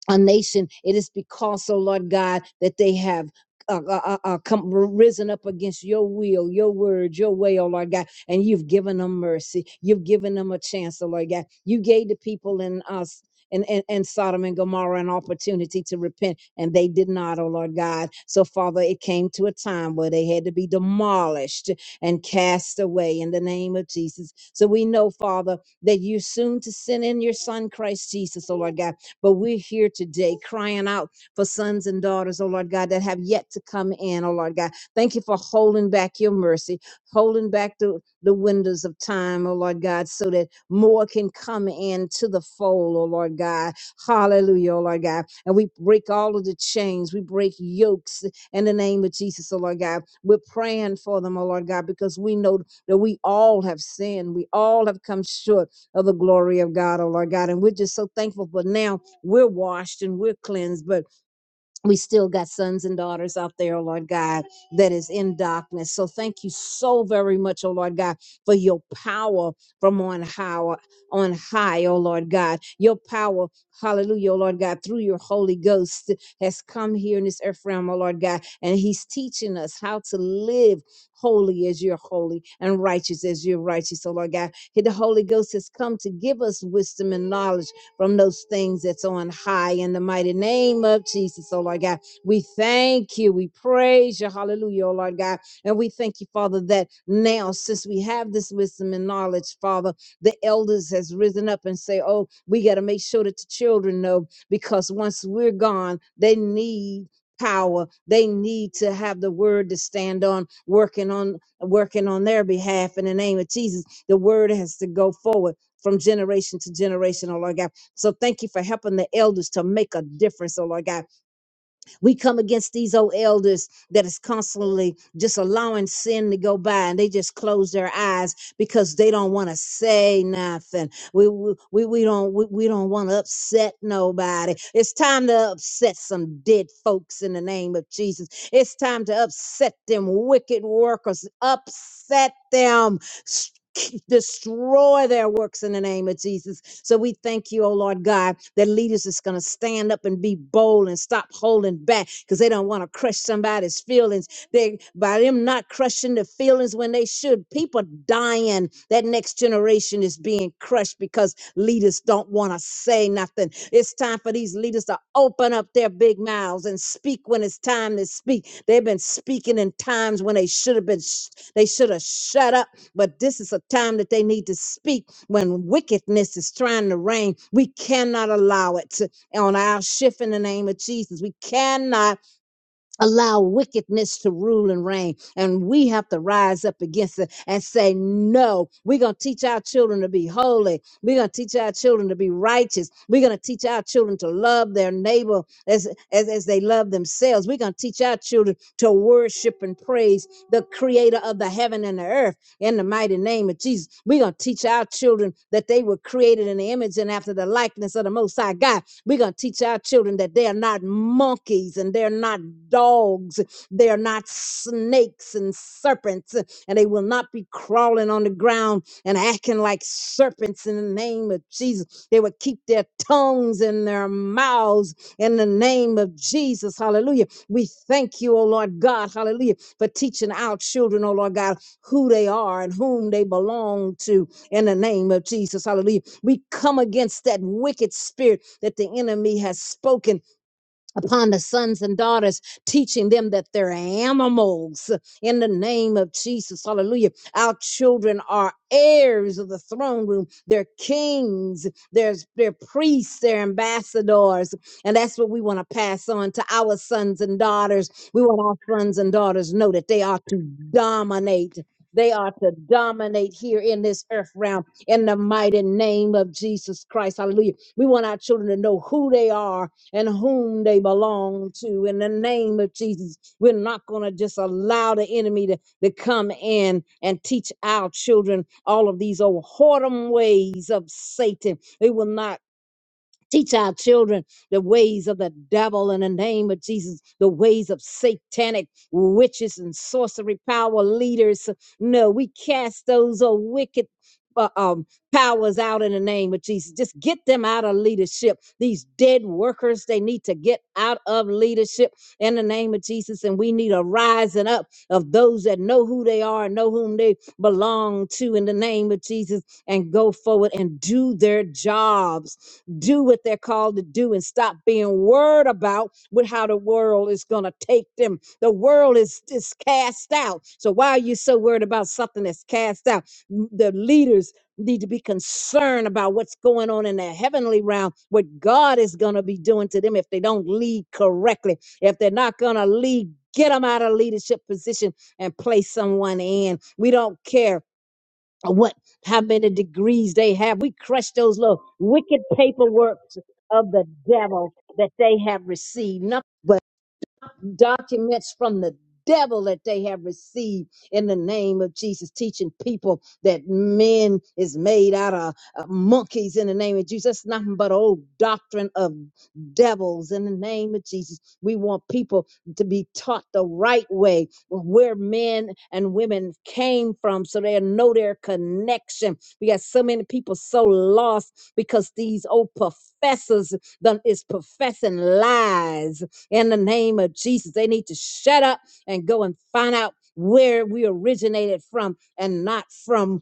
S3: a nation. It is because, oh Lord God, that they have. Uh, uh, uh, uh, come risen up against your will, your word, your way, oh Lord God, and you've given them mercy. You've given them a chance, oh Lord God. You gave the people in us and and, and Sodom and Gomorrah an opportunity to repent, and they did not, oh Lord God. So Father, it came to a time where they had to be demolished and cast away in the name of Jesus. So we know, Father, that you are soon to send in your Son Christ Jesus, oh Lord God but we're here today crying out for sons and daughters, oh Lord God, that have yet to come in, oh Lord God. Thank you for holding back your mercy, holding back the, the windows of time, oh Lord God, so that more can come in to the fold, oh Lord God. Hallelujah, oh Lord God. And we break all of the chains, we break yokes in the name of Jesus, oh Lord God. We're praying for them, oh Lord God, because we know that we all have sinned. We all have come short of the glory of God, oh Lord God. And we're just so thankful for now we're washed and we're cleansed, but we still got sons and daughters out there, oh Lord God, that is in darkness. So thank you so very much, oh Lord God, for your power from on high, on high, oh Lord God. Your power, hallelujah, oh Lord God, through your Holy Ghost has come here in this earth realm, oh Lord God, and He's teaching us how to live holy as you're holy and righteous as you're righteous, oh Lord God. The Holy Ghost has come to give us wisdom and knowledge from those things that's on high in the mighty name of Jesus, oh Lord God. We thank you. We praise you. Hallelujah, oh Lord God. And we thank you, Father, that now, since we have this wisdom and knowledge, Father, the elders has risen up and say, oh, we got to make sure that the children know because once we're gone, they need power they need to have the word to stand on working on working on their behalf in the name of jesus the word has to go forward from generation to generation oh lord god so thank you for helping the elders to make a difference, oh Lord God. We come against these old elders that is constantly just allowing sin to go by and they just close their eyes because they don't want to say nothing. We we, we we don't we, we don't want to upset nobody. It's time to upset some dead folks in the name of Jesus. It's time to upset them wicked workers. Upset them. s- k- Destroy their works in the name of Jesus so we thank you, oh Lord God, that leaders is going to stand up and be bold and stop holding back because they don't want to crush somebody's feelings. They by them not crushing the feelings when they should, people dying. That next generation is being crushed because leaders don't want to say nothing. It's time for these leaders to open up their big mouths and speak when it's time to speak. They've been speaking in times when they should have been sh- they should have shut up, but this is a time that they need to speak when wickedness is trying to reign, we cannot allow it to- on our shift in the name of Jesus. We cannot allow wickedness to rule and reign. And we have to rise up against it and say, no, we're going to teach our children to be holy. We're going to teach our children to be righteous. We're going to teach our children to love their neighbor as, as, as they love themselves. We're going to teach our children to worship and praise the creator of the heaven and the earth in the mighty name of Jesus. We're going to teach our children that they were created in the image and after the likeness of the Most High God we're going to teach our children that they are not monkeys and they're not dogs. They are not snakes and serpents, and they will not be crawling on the ground and acting like serpents in the name of Jesus. They will keep their tongues in their mouths in the name of Jesus. Hallelujah. We thank you, oh Lord God. Hallelujah. For teaching our children, oh Lord God, who they are and whom they belong to in the name of Jesus. Hallelujah. We come against that wicked spirit that the enemy has spoken upon the sons and daughters, teaching them that they're animals in the name of Jesus. Hallelujah. Our children are heirs of the throne room. They're kings, They're they're priests, they're ambassadors. And that's what we want to pass on to our sons and daughters. We want our sons and daughters to know that they are to dominate. They are to dominate here in this earth realm in the mighty name of Jesus Christ. Hallelujah. We want our children to know who they are and whom they belong to. In the name of Jesus, we're not going to just allow the enemy to, to come in and teach our children all of these old whoredom ways of Satan. They will not Teach our children the ways of the devil in the name of Jesus, the ways of satanic witches and sorcery power leaders. No, we cast those uh, wicked. Uh, um, powers out in the name of Jesus. Just get them out of leadership. These dead workers, they need to get out of leadership in the name of Jesus. And we need a rising up of those that know who they are and know whom they belong to in the name of Jesus and go forward and do their jobs do what they're called to do and stop being worried about with how the world is going to take them. The world is, is cast out. So why are you so worried about something that's cast out? The leaders need to be concerned about what's going on in the heavenly realm, what God is going to be doing to them if they don't lead correctly, if they're not going to lead. Get them out of leadership position and place someone in. We don't care what how many degrees they have. We crush those little wicked paperworks of the devil that they have received documents from the devil that they have received in the name of Jesus, teaching people that men is made out of uh, monkeys in the name of Jesus. That's nothing but old doctrine of devils in the name of Jesus. We want people to be taught the right way where men and women came from so they know their connection. We got so many people so lost because these old professors done is professing lies in the name of Jesus. They need to shut up and go and find out where we originated from and not from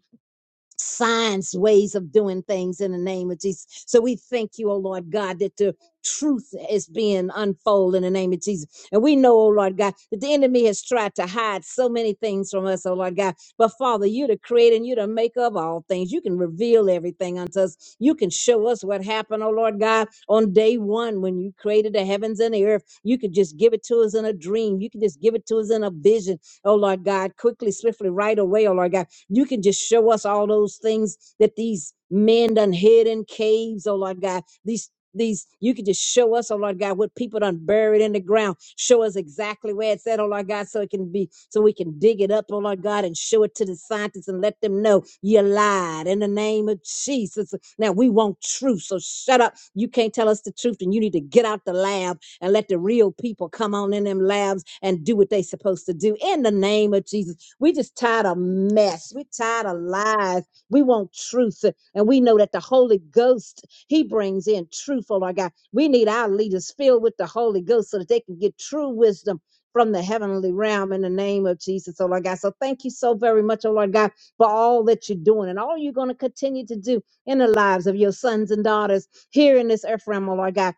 S3: Science ways of doing things in the name of Jesus. So we thank you, oh Lord God, that the truth is being unfolded in the name of Jesus. And we know, oh Lord God, that the enemy has tried to hide so many things from us, oh Lord God. But Father, you're the creator and you're the maker of all things. You can reveal everything unto us. You can show us what happened, oh Lord God, on day one when you created the heavens and the earth. You could just give it to us in a dream. You could just give it to us in a vision, oh Lord God, quickly, swiftly, right away, oh Lord God. You can just show us all those things that these men done hid in caves, oh Lord God. These these you can just show us, oh Lord God, what people done buried in the ground. Show us exactly where it's at, oh Lord God, so it can be so we can dig it up, oh Lord God, and show it to the scientists and let them know you lied in the name of Jesus. Now we want truth, so shut up. You can't tell us the truth, and you need to get out the lab and let the real people come on in them labs and do what they supposed to do in the name of Jesus. We just tired of mess. We tired of lies. We want truth. And we know that the Holy Ghost, He brings in truth, oh Lord God. We need our leaders filled with the Holy Ghost so that they can get true wisdom from the heavenly realm in the name of Jesus, oh Lord God. So thank you so very much, oh Lord God, for all that you're doing and all you're going to continue to do in the lives of your sons and daughters here in this earth realm, oh Lord God.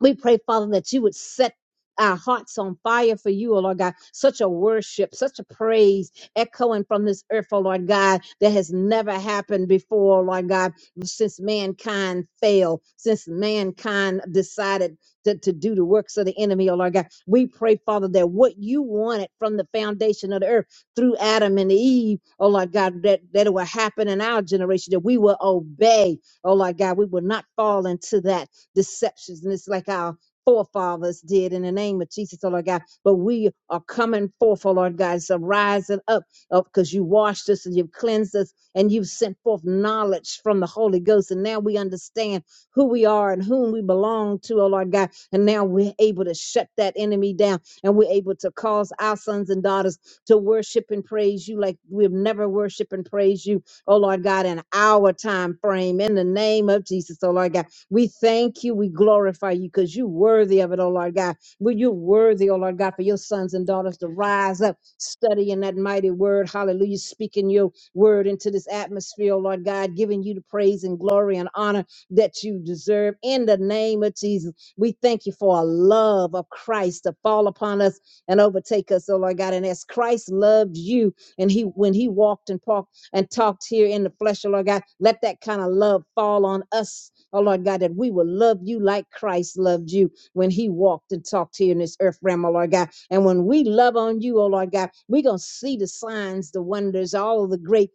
S3: We pray, Father, that you would set our hearts on fire for you, oh Lord God. Such a worship, such a praise echoing from this earth, oh Lord God, that has never happened before, oh Lord God, since mankind fell, since mankind decided to, to do the works of the enemy, oh Lord God. We pray, Father, that what you wanted from the foundation of the earth through Adam and Eve, oh Lord God, that, that it will happen in our generation, that we will obey, oh Lord God. We will not fall into that deceptions. And it's like our forefathers did in the name of Jesus, oh Lord God. But we are coming forth, oh Lord God. It's a rising up because you washed us and you've cleansed us and you've sent forth knowledge from the Holy Ghost. And now we understand who we are and whom we belong to, oh Lord God. And now we're able to shut that enemy down and we're able to cause our sons and daughters to worship and praise you like we've never worshiped and praised you, oh Lord God, in our time frame. In the name of Jesus, oh Lord God. We thank you. We glorify you because you're worthy of it, oh Lord God. But you're worthy, oh Lord God, for your sons and daughters to rise up, studying that mighty word. Hallelujah. Speaking your word into this atmosphere, oh Lord God, giving you the praise and glory and honor that you deserve. In the name of Jesus, we thank you for a love of Christ to fall upon us and overtake us, oh Lord God. And as Christ loved you, and he when he walked and talked and talked here in the flesh, oh Lord God. Let that kind of love fall on us, oh Lord God, that we will love you like Christ loved you when he walked and talked here in this earth realm, oh Lord God. And when we love on you, oh Lord God, we're going to see the signs, the wonders, all of the great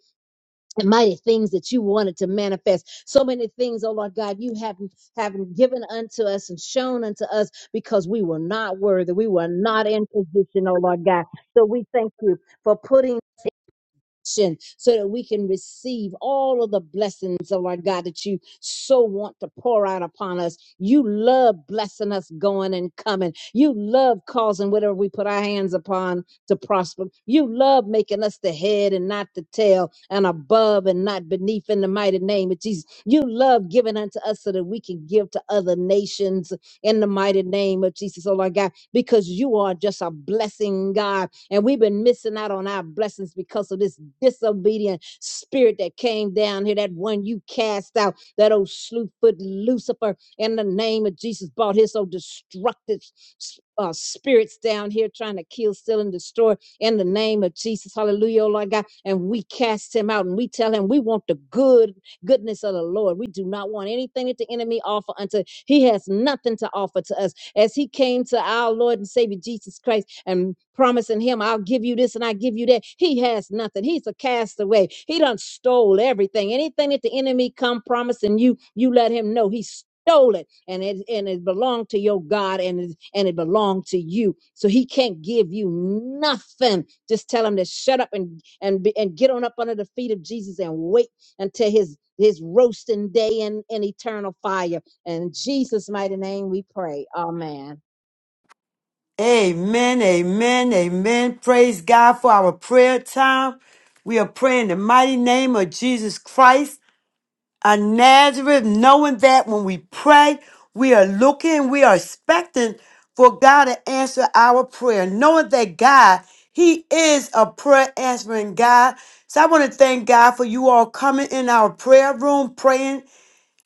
S3: and mighty things that you wanted to manifest. So many things, oh Lord God, you haven't haven't given unto us and shown unto us because we were not worthy. We were not in position, oh Lord God. So we thank you for putting so that we can receive all of the blessings, oh Lord God, that you so want to pour out upon us. You love blessing us going and coming. You love causing whatever we put our hands upon to prosper. You love making us the head and not the tail and above and not beneath in the mighty name of Jesus. You love giving unto us so that we can give to other nations in the mighty name of Jesus, oh Lord God, because you are just a blessing God and we've been missing out on our blessings because of this disobedient spirit that came down here, that one you cast out, that old slew foot Lucifer, in the name of Jesus, brought his old destructive s- uh, spirits down here trying to kill, steal, and destroy in the name of Jesus. Hallelujah, oh Lord God. And we cast him out and we tell him we want the good goodness of the Lord. We do not want anything that the enemy offer unto. He has nothing to offer to us as he came to our Lord and Savior Jesus Christ and promising him, I'll give you this and I'll give you that. He has nothing. He's a castaway. He done stole everything. Anything that the enemy come promising you, you let him know he stole it and it and it belonged to your God and it, and it belonged to you. So he can't give you nothing. Just tell him to shut up and and be, and get on up under the feet of Jesus and wait until his his roasting day in, in eternal fire in Jesus' mighty name we pray. Amen.
S2: Amen, amen, amen. Praise God for our prayer time. We are praying in the mighty name of Jesus Christ of Nazareth, knowing that when we pray, we are looking, we are expecting for God to answer our prayer, knowing that God, He is a prayer answering God. So I want to thank God for you all coming in our prayer room, praying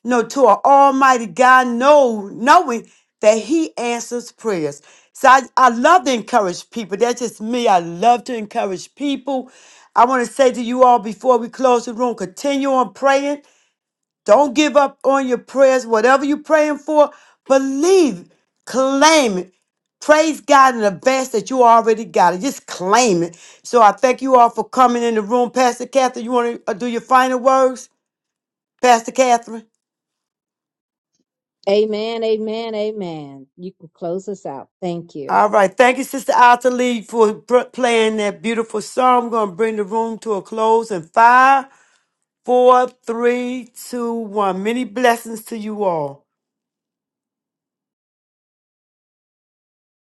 S2: no, to our Almighty God, know, knowing that He answers prayers. So I, I love to encourage people. That's just me. I love to encourage people. I want to say to you all before we close the room, continue on praying. Don't give up on your prayers. Whatever you're praying for, believe, claim it. Praise God in advance that you already got it. Just claim it. So I thank you all for coming in the room. Pastor Catherine, you want to do your final words? Pastor Catherine?
S3: Amen. Amen. Amen. You can close us out. Thank you.
S2: All right. Thank you, Sister Alta Lee, for pr- playing that beautiful song. We're going to bring the room to a close in five, four, three, two, one. Many blessings to you all.